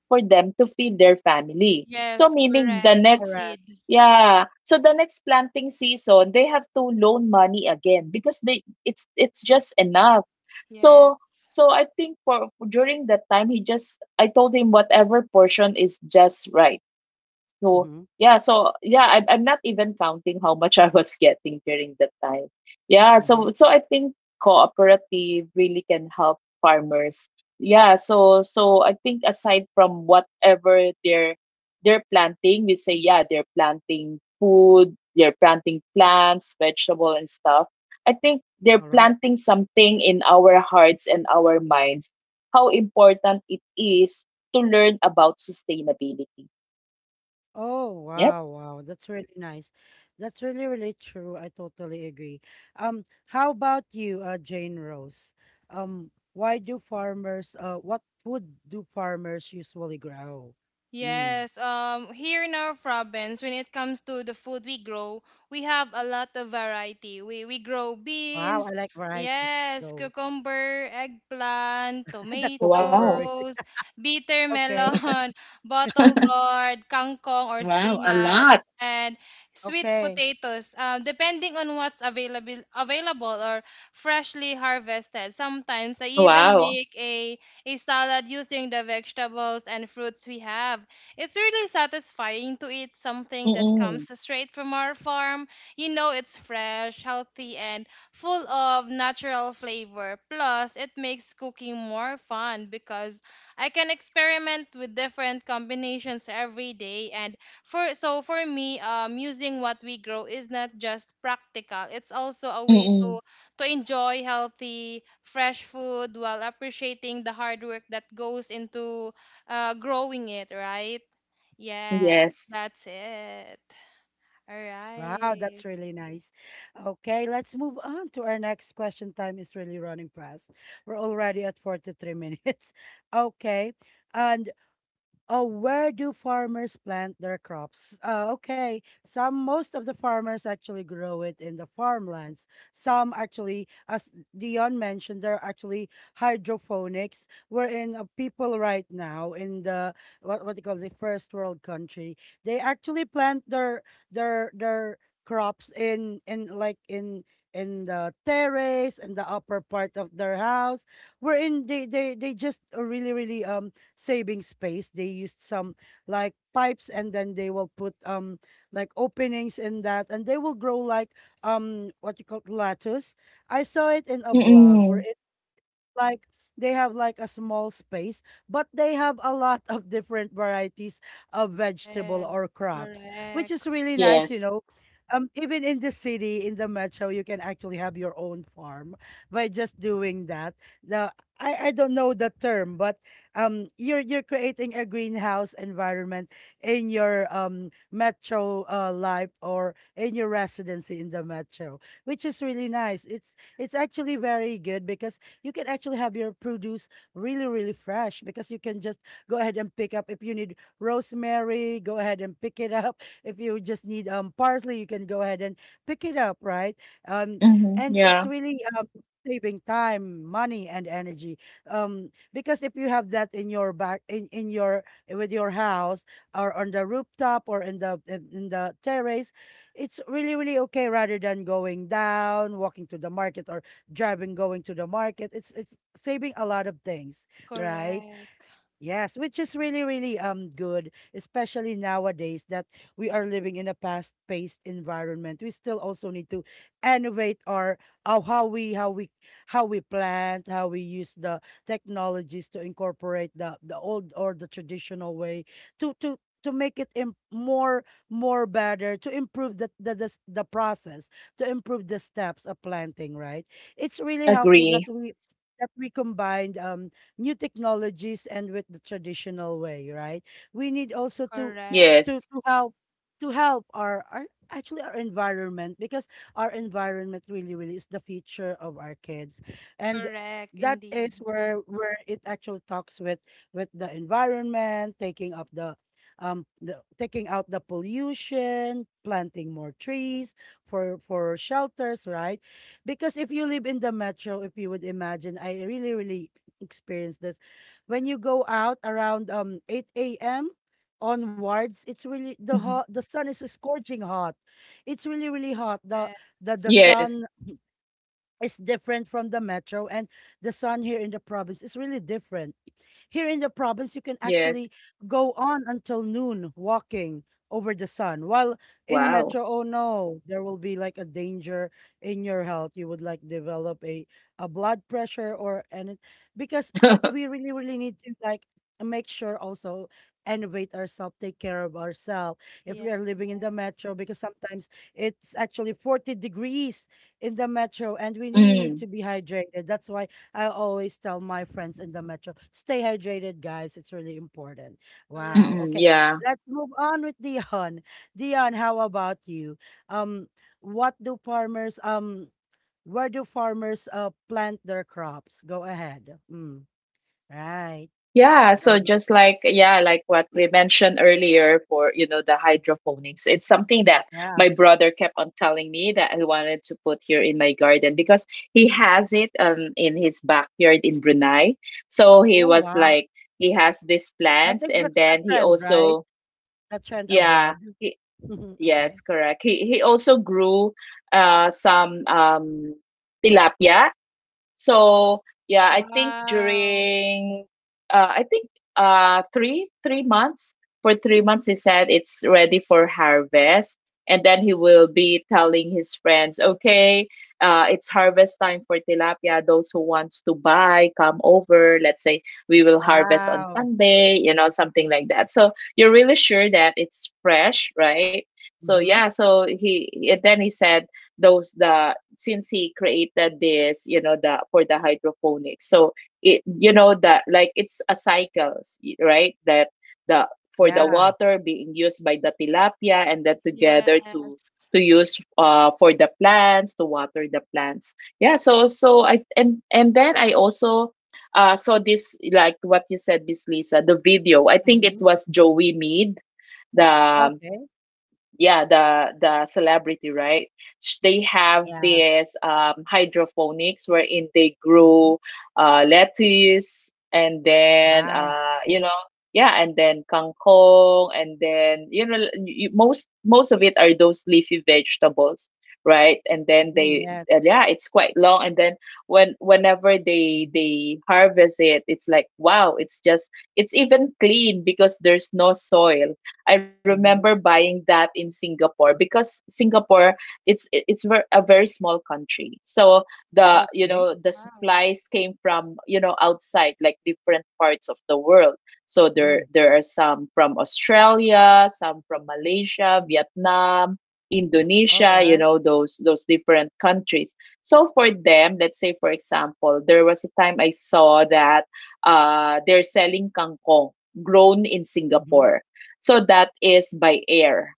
S2: for them to feed their family. So
S3: Yes,
S2: meaning the
S3: correct. It
S2: next,
S1: Correct.
S3: did.
S2: yeah, so the next planting season they have to loan money again because they it's just enough. So
S3: Yes.
S2: so I think for during that time, he just, I told him whatever portion is just right. So
S1: Mm-hmm.
S2: yeah, so yeah, I'm not even counting how much I was getting during that time. Yeah,
S1: Mhm.
S2: so so I think cooperative really can help farmers. Yeah, so so I think aside from whatever they're planting, we say, yeah, they're planting food, they're planting plants, vegetable and stuff. I think they're
S1: All right.
S2: planting something in our hearts and our minds, how important it is to learn about sustainability.
S1: Oh,
S2: Yeah.
S1: wow, wow. That's really nice. That's really, really true. I totally agree. How about you, Jane Rose? Why do farmers, what food do farmers usually grow? Mm.
S3: Yes, here in our province, when it comes to the food we grow, we have a lot of variety. We grow
S1: Wow, I
S3: beans,
S1: like varieties.
S3: yes,
S1: Go.
S3: cucumber, eggplant,
S1: The
S2: Wow.
S1: cucumber.
S3: tomatoes, bitter
S1: Okay.
S3: melon, bottle gourd, kangkong or
S2: Wow, a
S3: spinach,
S2: lot.
S3: and sweet
S1: Okay.
S3: potatoes. Depending on what's available, or freshly harvested. Sometimes I even
S2: Wow.
S3: make a salad using the vegetables and fruits we have. It's really satisfying to eat something that
S2: Mm-mm.
S3: comes straight from our farm. You know, it's fresh, healthy, and full of natural flavor. Plus, it makes cooking more fun because I can experiment with different combinations every day. And for, so for me, using what we grow is not just practical; it's also a way
S2: Mm-mm.
S3: to enjoy healthy, fresh food while appreciating the hard work that goes into growing it, right? Yes,
S2: Yes.
S3: that's it. All
S1: Wow,
S3: right.
S1: that's really nice. Okay, let's move on to our next question. Time is really running fast. We're already at 43 minutes. Okay. And, oh, where do farmers plant their crops? Okay, some, most of the farmers actually grow it in the farmlands. Some actually, as Dion mentioned, they are actually hydroponics, we wherein people right now in the what they call the first world country, They actually plant their their crops in like in the terrace and the upper part of their house. We're in they just really really saving space. They used some like pipes, and then they will put like openings in that, and they will grow like what you call lettuce. I saw it in a blog where
S2: Mm-mm.
S1: like they have like a small space, but they have a lot of different varieties of vegetable
S3: Yes,
S1: or crops, which is
S3: correct,
S1: really nice, you
S2: Yes.
S1: know. Even in the city, in the metro, you can actually have your own farm by just doing that. The I don't know the term, but you're creating a greenhouse environment in your metro life, or in your residency in the metro, which is really nice. It's actually very good because you can actually have your produce really, really fresh, because you can just go ahead and pick up. If you need rosemary, go ahead and pick it up. If you just need parsley, you can go ahead and pick it up, right? Um, and
S2: Mm-hmm.
S1: it's
S2: Yeah.
S1: really saving time, money, and energy. Because if you have that in your back in your with your house, or on the rooftop, or in the in the terrace, it's really really okay, rather than going down, walking to the market, or driving, going to the market. It's saving a lot of things, right?
S3: correct,
S1: Yes, which is really, really good, especially nowadays that we are living in a fast-paced environment. We still also need to innovate our uh, how we how we how we plant, how we use the technologies to incorporate the old or the traditional way to make it more better, to improve the the process, to improve the steps of planting, right? It's really helpful that we
S2: Agree.
S1: that we combined new technologies and with the traditional way, right? We need also to
S2: Yes.
S3: correct,
S1: to help, to help our, actually our environment, because our environment really really is the future of our kids. And
S3: correct,
S1: that
S3: indeed.
S1: is where it actually talks with the environment, taking up the taking out the pollution, planting more trees for shelters, right? Because if you live in the metro, if you would imagine, I really really experience this. When you go out around 8 a.m. onwards, it's really
S2: Mm-hmm.
S1: the sun is scorching hot. It's really, really hot. The
S3: Yeah,
S1: the the
S2: Yes.
S1: sun is different from the metro, and the sun here in the province is really different. Here in the province, you can actually
S2: Yes.
S1: go on until noon walking over the sun. While in metro, oh
S2: Wow.
S1: no, there will be like a danger in your health. You would like develop a blood pressure or any, because we really, really need to like make sure, also innovate ourselves, take care of ourselves. If
S3: yeah,
S1: we are living in the metro, because sometimes it's actually 40 degrees in the metro, and we really need to be
S2: Mm.
S1: hydrated. That's why I always tell my friends in the metro, stay hydrated, guys. It's really important. Wow. Okay.
S3: correct.
S2: Mm-mm. Yeah.
S1: Let's move on with Dion. Dion, how about you? Um, what do farmers where do farmers plant their crops? Go ahead. Mm, right.
S2: Yeah, so just
S1: Go,
S2: like,
S1: go.
S2: yeah, like what we mentioned earlier for, you know, the hydroponics, it's something that my
S1: Yeah.
S2: brother kept on telling me that he wanted to put here in my garden because he has it in his backyard in Brunei. So he
S1: Oh
S2: was
S1: wow.
S2: like, he has these
S1: I
S2: plants
S1: think
S2: and
S1: that's the
S2: then he
S1: trend, right?
S2: also,
S1: The trend
S2: yeah,
S1: abroad.
S2: he, yes,
S1: Okay.
S2: correct. He also grew some tilapia. So yeah, I think
S3: Wow.
S2: during, I think three months, for 3 months he said it's ready for harvest, and then he will be telling his friends, okay, it's harvest time for tilapia. Those who wants to buy, come over. Let's say we will harvest on
S1: Wow.
S2: Sunday, you know, something like that. So you're really sure that it's fresh, right? So
S1: Mm-hmm.
S2: yeah, so he and then he said those, the, since he created this, you know, the for the hydroponics, so it, you know, that like it's a cycles, right, that the for the
S1: Yeah.
S2: water being used by the tilapia and then
S3: Yeah.
S2: together to use for the plants to water the plants. Yeah, so so I and then I also saw this like what you said, Miss Lisa, the video, I think it
S1: Mm-hmm.
S2: was Joey Mead, the,
S1: Okay.
S2: yeah, the celebrity, right? They have
S1: Yeah.
S2: this hydroponics wherein they
S1: Mm-hmm.
S2: grow lettuce, and then,
S1: Wow.
S2: you know, yeah, and then kangkong, and then, you know, most of it are those leafy vegetables, right? And then
S1: Mm,
S2: they,
S1: yeah.
S2: and yeah, it's quite long, and then when whenever they harvest it, it's like, wow, it's just, it's even clean because there's no soil. I remember
S1: Mhm.
S2: buying that in Singapore. Because Singapore, it's a very small country. So the, you
S1: Okay.
S2: know, the supplies came from, you know, outside, like different parts of the world. So there
S1: Mm.
S2: there are some from Australia, some from Malaysia, Vietnam,
S1: All
S2: Indonesia, you
S1: right.
S2: know, those different countries. So for them, let's say for example, there was a time I saw that they're selling kangkong grown in
S1: Mhm.
S2: Singapore. So that is by air.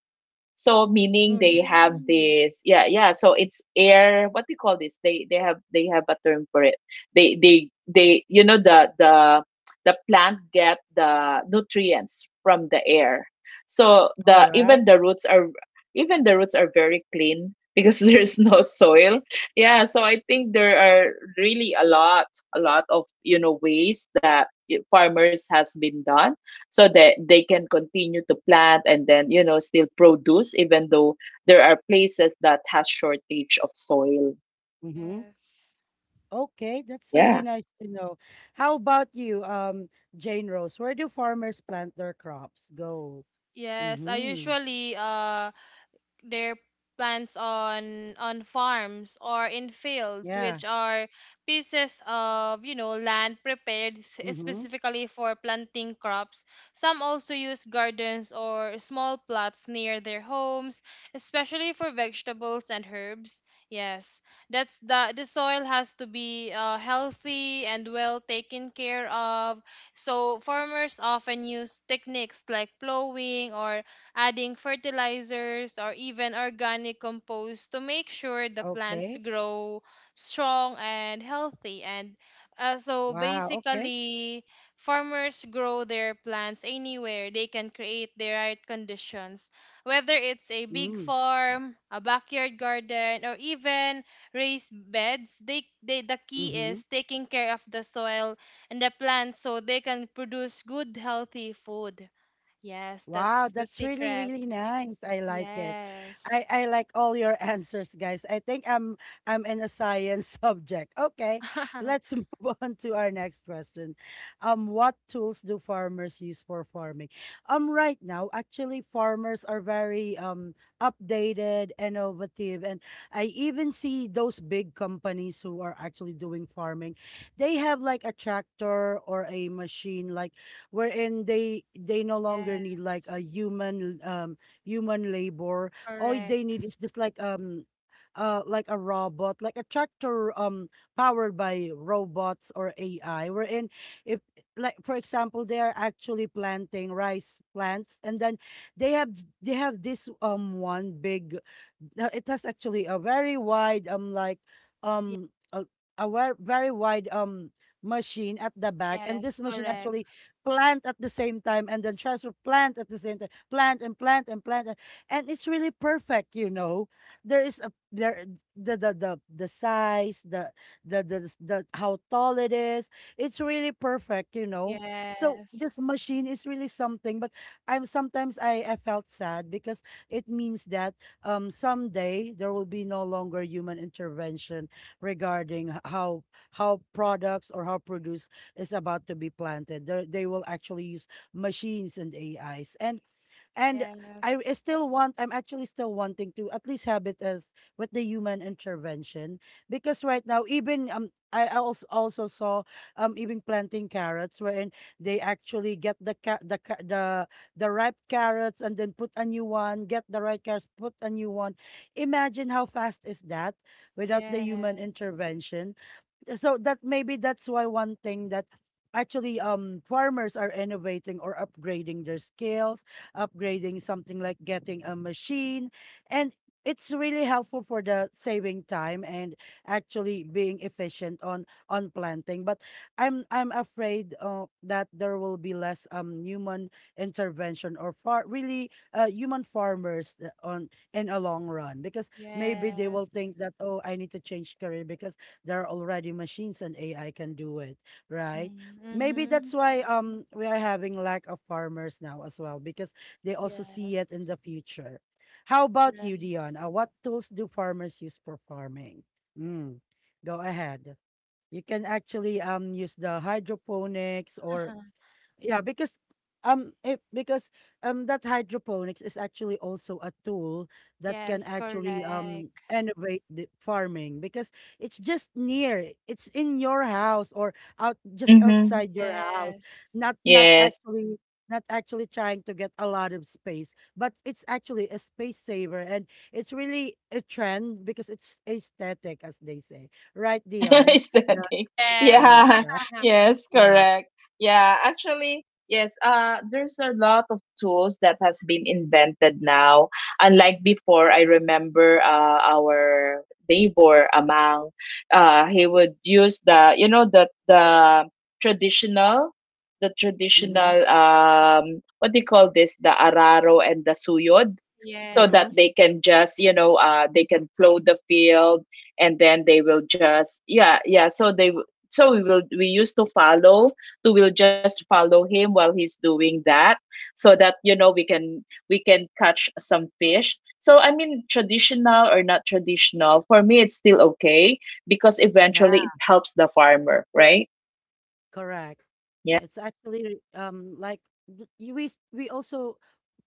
S2: So meaning
S1: Mm.
S2: they have
S3: Mm,
S2: this, yeah, yeah. So it's air. What do you call this? They, they have a term for it. They you know the, the plant get the nutrients from the air. So
S1: All
S2: the
S1: right.
S2: even the roots are very clean because there's no
S3: mm.
S2: soil. Yeah, so I think there are really a lot of, you know, ways that farmers has been done so that they can continue to plant and then, you know, still produce even though there are places that has shortage of soil.
S1: Mhm.
S3: Yes.
S1: Okay, that's really
S2: Yeah.
S1: nice to know. How about you, Jane Rose? Where do farmers plant their crops? Go.
S3: Yes, I
S1: Mhm.
S3: usually their plants on farms or in fields,
S1: Yeah.
S3: which are pieces of you know land prepared
S1: Mhm.
S3: specifically for planting crops. Some also use gardens or small plots near their homes, especially for vegetables and herbs. Yes, that's the soil has to be healthy and well taken care of. So farmers often use techniques like plowing or adding fertilizers or even organic compost to make sure the plants
S1: Okay.
S3: grow strong and healthy. And so
S1: Wow. Okay.
S3: basically, farmers grow their plants anywhere they can create the right conditions, whether it's a big
S1: Mm.
S3: farm, a backyard garden, or even raised beds. They the key
S1: Mhm.
S3: is taking care of the soil and the plants so they can produce good healthy food. Yes,
S1: Wow,
S3: that's the
S1: that's really,
S3: secret.
S1: really nice. I like it.
S3: Yes.
S1: I like all your answers, guys. I think I'm in a science subject. Okay, let's move on to our next question. What tools do farmers use for farming? Right now, actually, farmers are very updated, innovative, and I even see those big companies who are actually doing farming. They have like a tractor or a machine like wherein they no longer
S3: Yeah,
S1: need like a human human labor. All they
S3: correct.
S1: need is just like a robot, like a tractor powered by robots or AI. Wherein if like for example they are actually planting rice plants, and then they have they have this one big, no, it has actually a very wide um a, very wide machine at the back, and
S3: Yes,
S1: this machine
S3: correct.
S1: actually plant at the same time and then transfer, plant at the same time, plant and plant and plant, and it's really perfect, you know. there is a there the size, the how tall it is, it's really perfect, you know. So this
S3: Yes.
S1: machine is really something, but I'm sometimes I felt sad because it means that someday there will be no longer human intervention regarding how products or how produce is about to be planted. They will actually use machines and AIs. And
S3: Yes.
S1: I still want, I'm actually still wanting to at least have it as with the human intervention, because right now, even I also also saw even planting carrots, wherein they actually get the ripe carrots and then put a new one, get the ripe carrots, put a new one. Imagine how fast is that without the
S3: Yes.
S1: human intervention. So that maybe that's why one thing that actually farmers are innovating or upgrading their skills, upgrading something like getting a machine. And it's really helpful for the saving time, and actually being efficient on planting. But I'm afraid that there will be less human intervention, or far really human farmers on in a long run, because maybe they will
S3: Yes.
S1: think that, oh, I need to change career because there are already machines and AI can do it, right?
S3: Mm,
S1: Maybe
S3: mm-hmm.
S1: that's why we are having lack of farmers now as well, because they also see
S3: Yes.
S1: it in the future. How about
S3: Correct.
S1: you, Dion? What tools do farmers use for farming? Mm, go ahead. You can actually use the hydroponics, or
S3: Uh-huh.
S1: yeah, because because that hydroponics is actually also a tool that can
S3: Yes,
S1: actually
S3: correct.
S1: innovate the farming, because it's just near, it's in your house or out just
S2: Mm-hmm.
S1: outside your house.
S3: Yes.
S1: Not not
S2: Yes.
S1: actually not actually trying to get a lot of space, but it's actually a space saver. And it's really a trend because it's aesthetic, as they say, right Dion?
S2: Is
S1: The
S2: that it?
S3: Yes.
S1: hydroponics,
S2: Yeah,
S1: right?
S2: yes,
S1: Yeah.
S2: correct. Yeah, actually, yes, there's a lot of tools that has been invented now. Unlike before, I remember our neighbor Amang, he would use the, you know, the traditional, the
S1: Mm-hmm,
S2: traditional um what do you call this, the araro and the suyod, so
S1: mm-hmm.
S2: that they
S3: Yes.
S2: can just, you know, they can plow the field, and then they will just, yeah, yeah, so so we used to follow to will just follow him while he's doing that so that, you know, we can catch some fish. So I mean traditional or not traditional, for me it's still okay because eventually it
S1: Yeah.
S2: helps the farmer, right?
S1: Correct.
S2: Yeah.
S1: It's actually like we also,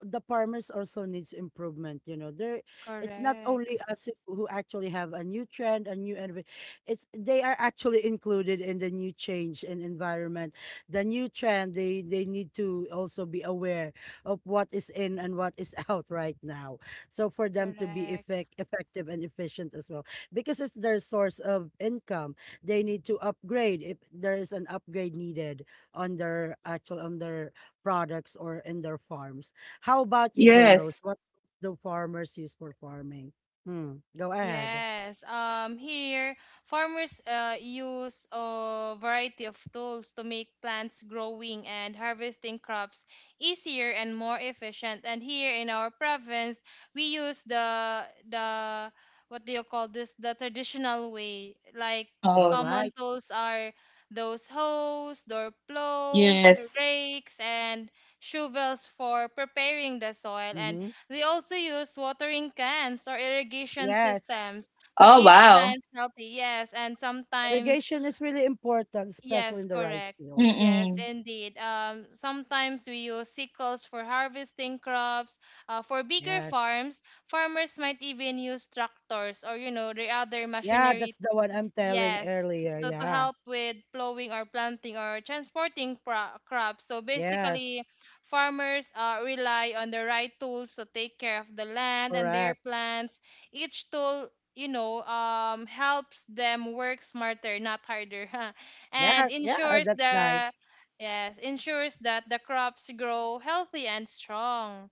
S1: the farmers also needs improvement. You know, there it's not only
S3: Correct.
S1: us who actually have a new trend, a new it's they are actually included in the new change in environment, the new trend. They need to also be aware of what is in and what is out right now, so for them to be
S3: Correct.
S1: effective and efficient as well, because it's their source of income. They need to upgrade if there is an upgrade needed on their actual on their products or in their farms. How about you, Jane Rose?
S2: Yes.
S1: What do farmers use for farming? Hmm. Go ahead.
S3: Yes. Here, farmers use a variety of tools to make plants growing and harvesting crops easier and more efficient. And here in our province, we use the, what do you call this? The traditional way. Like,
S1: All
S2: Oh,
S3: common
S1: right.
S3: tools are those hoes, door plows,
S2: yes.
S3: rakes, and shovels for preparing the soil. And
S1: Mm-hmm.
S3: they also use watering cans or irrigation
S1: Yes.
S3: systems to
S2: Oh,
S3: keep
S2: wow.
S3: plants healthy. Yes, and sometimes,
S1: Irrigation is really important, especially
S3: yes,
S1: in the rice
S3: correct.
S1: field.
S3: Yes,
S2: Mm-mm.
S3: indeed. Sometimes we use sickles for harvesting crops. For bigger
S1: Yes.
S3: farms, farmers might even use tractors or, you know, the other
S1: Yeah,
S3: machinery,
S1: that's the one I'm telling
S3: yes,
S1: earlier.
S3: to
S1: Yeah.
S3: help with plowing or planting or transporting crops. So basically,
S1: Yes.
S3: farmers rely on the right tools to take care of the land and their
S1: Correct.
S3: plants. Each tool, you know, helps them work smarter, not harder,
S1: Yeah.
S3: and
S1: Yeah.
S3: ensures
S1: That's nice.
S3: the, yes, ensures that the crops grow healthy and strong.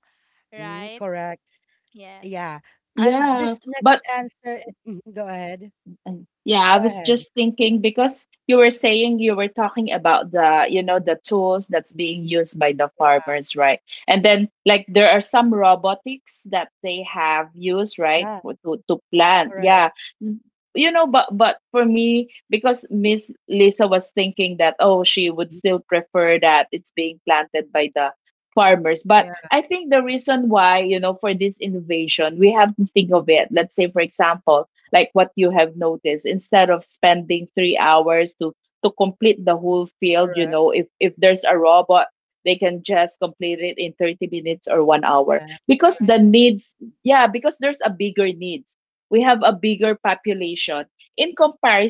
S1: Hmm.
S3: Right?
S1: Correct.
S3: Yes.
S1: Yeah. And
S2: Yeah,
S1: this next
S2: but.
S1: answer, mhm, go ahead.
S2: And yeah, I
S1: Go
S2: was
S1: ahead.
S2: just thinking, because you were saying, you were talking about the, you know, the tools that's being used by the
S1: Yeah.
S2: farmers, right? And then, like, there are some robotics that they have used, right,
S1: Yeah.
S2: to plant.
S1: Correct.
S2: Yeah. You know, but for me, because Miss Lisa was thinking that, oh, she would
S1: Mhm.
S2: still prefer that it's being planted by the farmers. But
S1: Yeah.
S2: I think the reason why, you know, for this innovation, we have to think of it. Let's say, for example, like what you have noticed, instead of spending 3 hours to complete the whole field, you
S1: Correct.
S2: know, if there's a robot, they can just complete it in 30 minutes or 1 hour,
S1: Yeah.
S2: because
S3: Yes.
S2: the needs, yeah, because there's a bigger needs, we have a bigger population in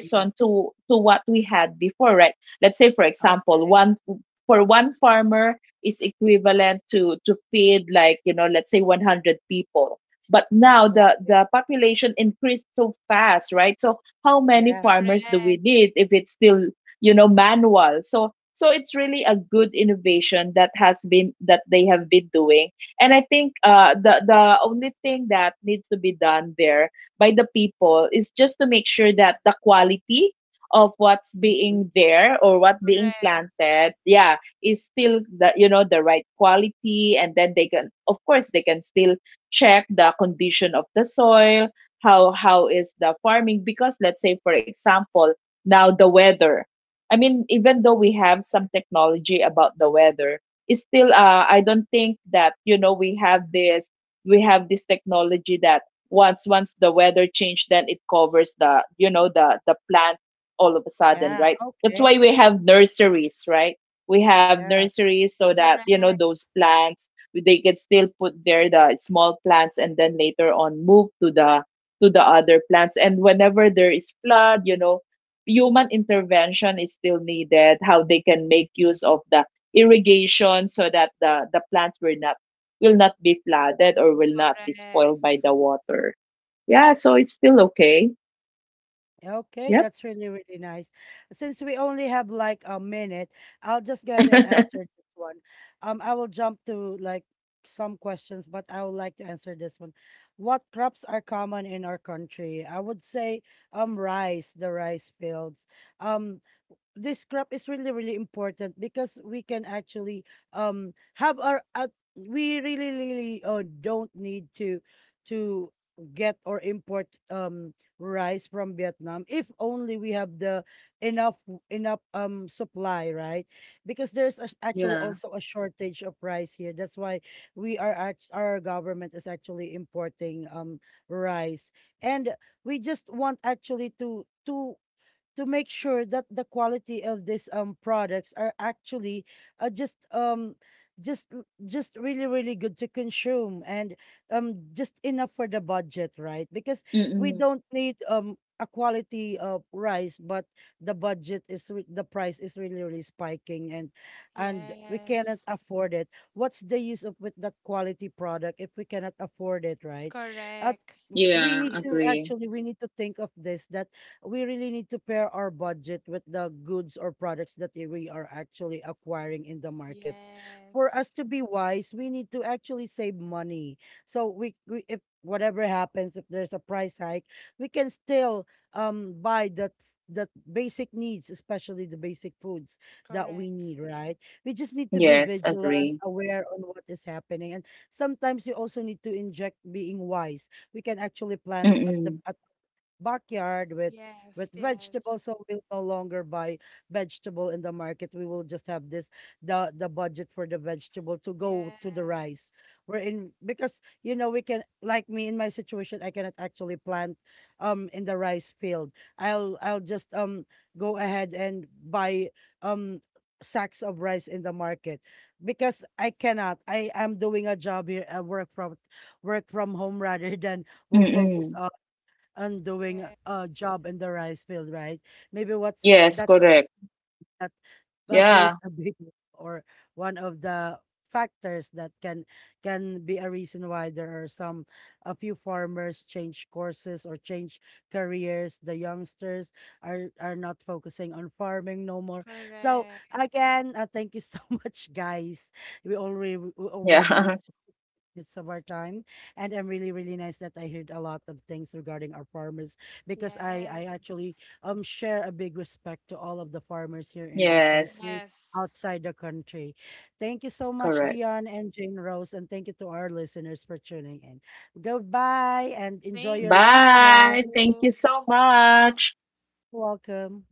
S1: Mhm.
S2: to what we had before, right? Let's say, for example,
S1: Okay.
S2: one, for one farmer is equivalent to feed, like, you know, let's say 100 people, but now
S1: Okay.
S2: the population increased so fast, right? So how many
S1: Yeah.
S2: farmers do
S3: Correct.
S2: we need if it's still, you know, manual? So so it's really a good innovation that has been that they have been doing. And I think the only thing that needs to be done there by the people is just to make sure that the quality of what's
S1: Mm,
S2: being there or what being
S3: Correct.
S2: planted, yeah, is still the, you know, the right quality, and then they can, of course, they can still check the condition of the soil, how is the farming. Because let's say, for example, now the weather, I mean, even though we have some technology about the weather, it's still, I don't think that, you know, we have this technology that once the weather change, then it covers the, you know, the plant all of a sudden,
S1: yeah.
S2: right? That's
S1: Okay.
S2: why we have nurseries, right? We have
S1: Yeah.
S2: nurseries so that, you know,
S3: Correct.
S2: those plants, they can still put there the small plants and then later on move to the other plants. And whenever there is flood, you know, human intervention is still needed, how they can make use of the irrigation so that the the plants will not be flooded or will not be
S3: Correct.
S2: spoiled by the water. Yeah, so it's still okay.
S1: Okay.
S2: Yep.
S1: That's really, really nice. Since we only have like a minute, I'll just go ahead and answer this one. I will jump to like some questions, but I would like to answer this one. What crops are common in our country? I would say rice, the rice fields. Um, this crop is really really important because we can actually have our we really really don't need to get or import rice from Vietnam, if only we have the enough enough supply, right? Because there's a, actually
S2: Yeah.
S1: also a shortage of rice here, that's why our government is actually importing rice. And we just want actually to make sure that the quality of these products are actually uh, just um just just really really good to consume, and just enough for the budget, right? Because we
S2: Mm-mm.
S1: don't need a quality rice, but the price is really really spiking, and we cannot
S3: Yes,
S1: afford it. What's the use of with that quality product if we cannot afford it, right? at
S3: correct.
S1: we
S2: Yeah,
S1: need
S3: Indeed.
S1: to
S2: agree.
S1: actually, we need to think of this, that we really need to pair our budget with the goods or products that we are actually acquiring in the market. For
S3: Yes,
S1: us to be wise, we need to actually save money. So we, if whatever happens, if there's a price hike, we can still buy that basic needs, especially the basic foods that we
S3: correct.
S1: need, right? We just need to be
S2: Yes,
S1: vigilant,
S2: agree.
S1: aware on what is happening. And sometimes you also need to inject being wise. We can actually plant at the
S2: Mm-mm.
S1: at backyard with
S3: Yes, yes,
S1: vegetables, so we'll no longer buy vegetable in the market. We will just have this the budget for the vegetable to go to the rice,
S3: yes,
S1: we're in because you know we can, like me in my situation, I cannot actually plant in the rice field. I'll just go ahead and buy um sacks of rice in the market, because I cannot, I am doing a job here, a work from home, rather than will focus
S2: Mm-mm.
S1: on doing
S3: yes,
S1: a job in the rice field, right? Maybe what's
S2: Yes,
S1: that's
S2: correct.
S1: that plays
S2: Yeah.
S1: a big role, or one of the factors that can be a reason why there are some a few farmers change courses or change careers. The youngsters are not focusing on farming no more. So
S3: correct.
S1: again, thank you so much, guys. We
S2: Yeah.
S1: already reached minutes of our time, and I'm really really nice that I heard a lot of things regarding our farmers, because I
S3: Yes,
S1: actually share a big respect to all of the farmers here in our
S2: Yes.
S1: country,
S3: yes.
S1: outside the country. Thank you so much,
S2: Correct.
S1: Dion and Jane Rose, and thank you to our listeners for tuning in. Goodbye and enjoy
S3: Thank
S1: your lunch,
S2: Bye.
S1: guys.
S2: Thank
S3: you.
S2: you so much.
S1: Welcome.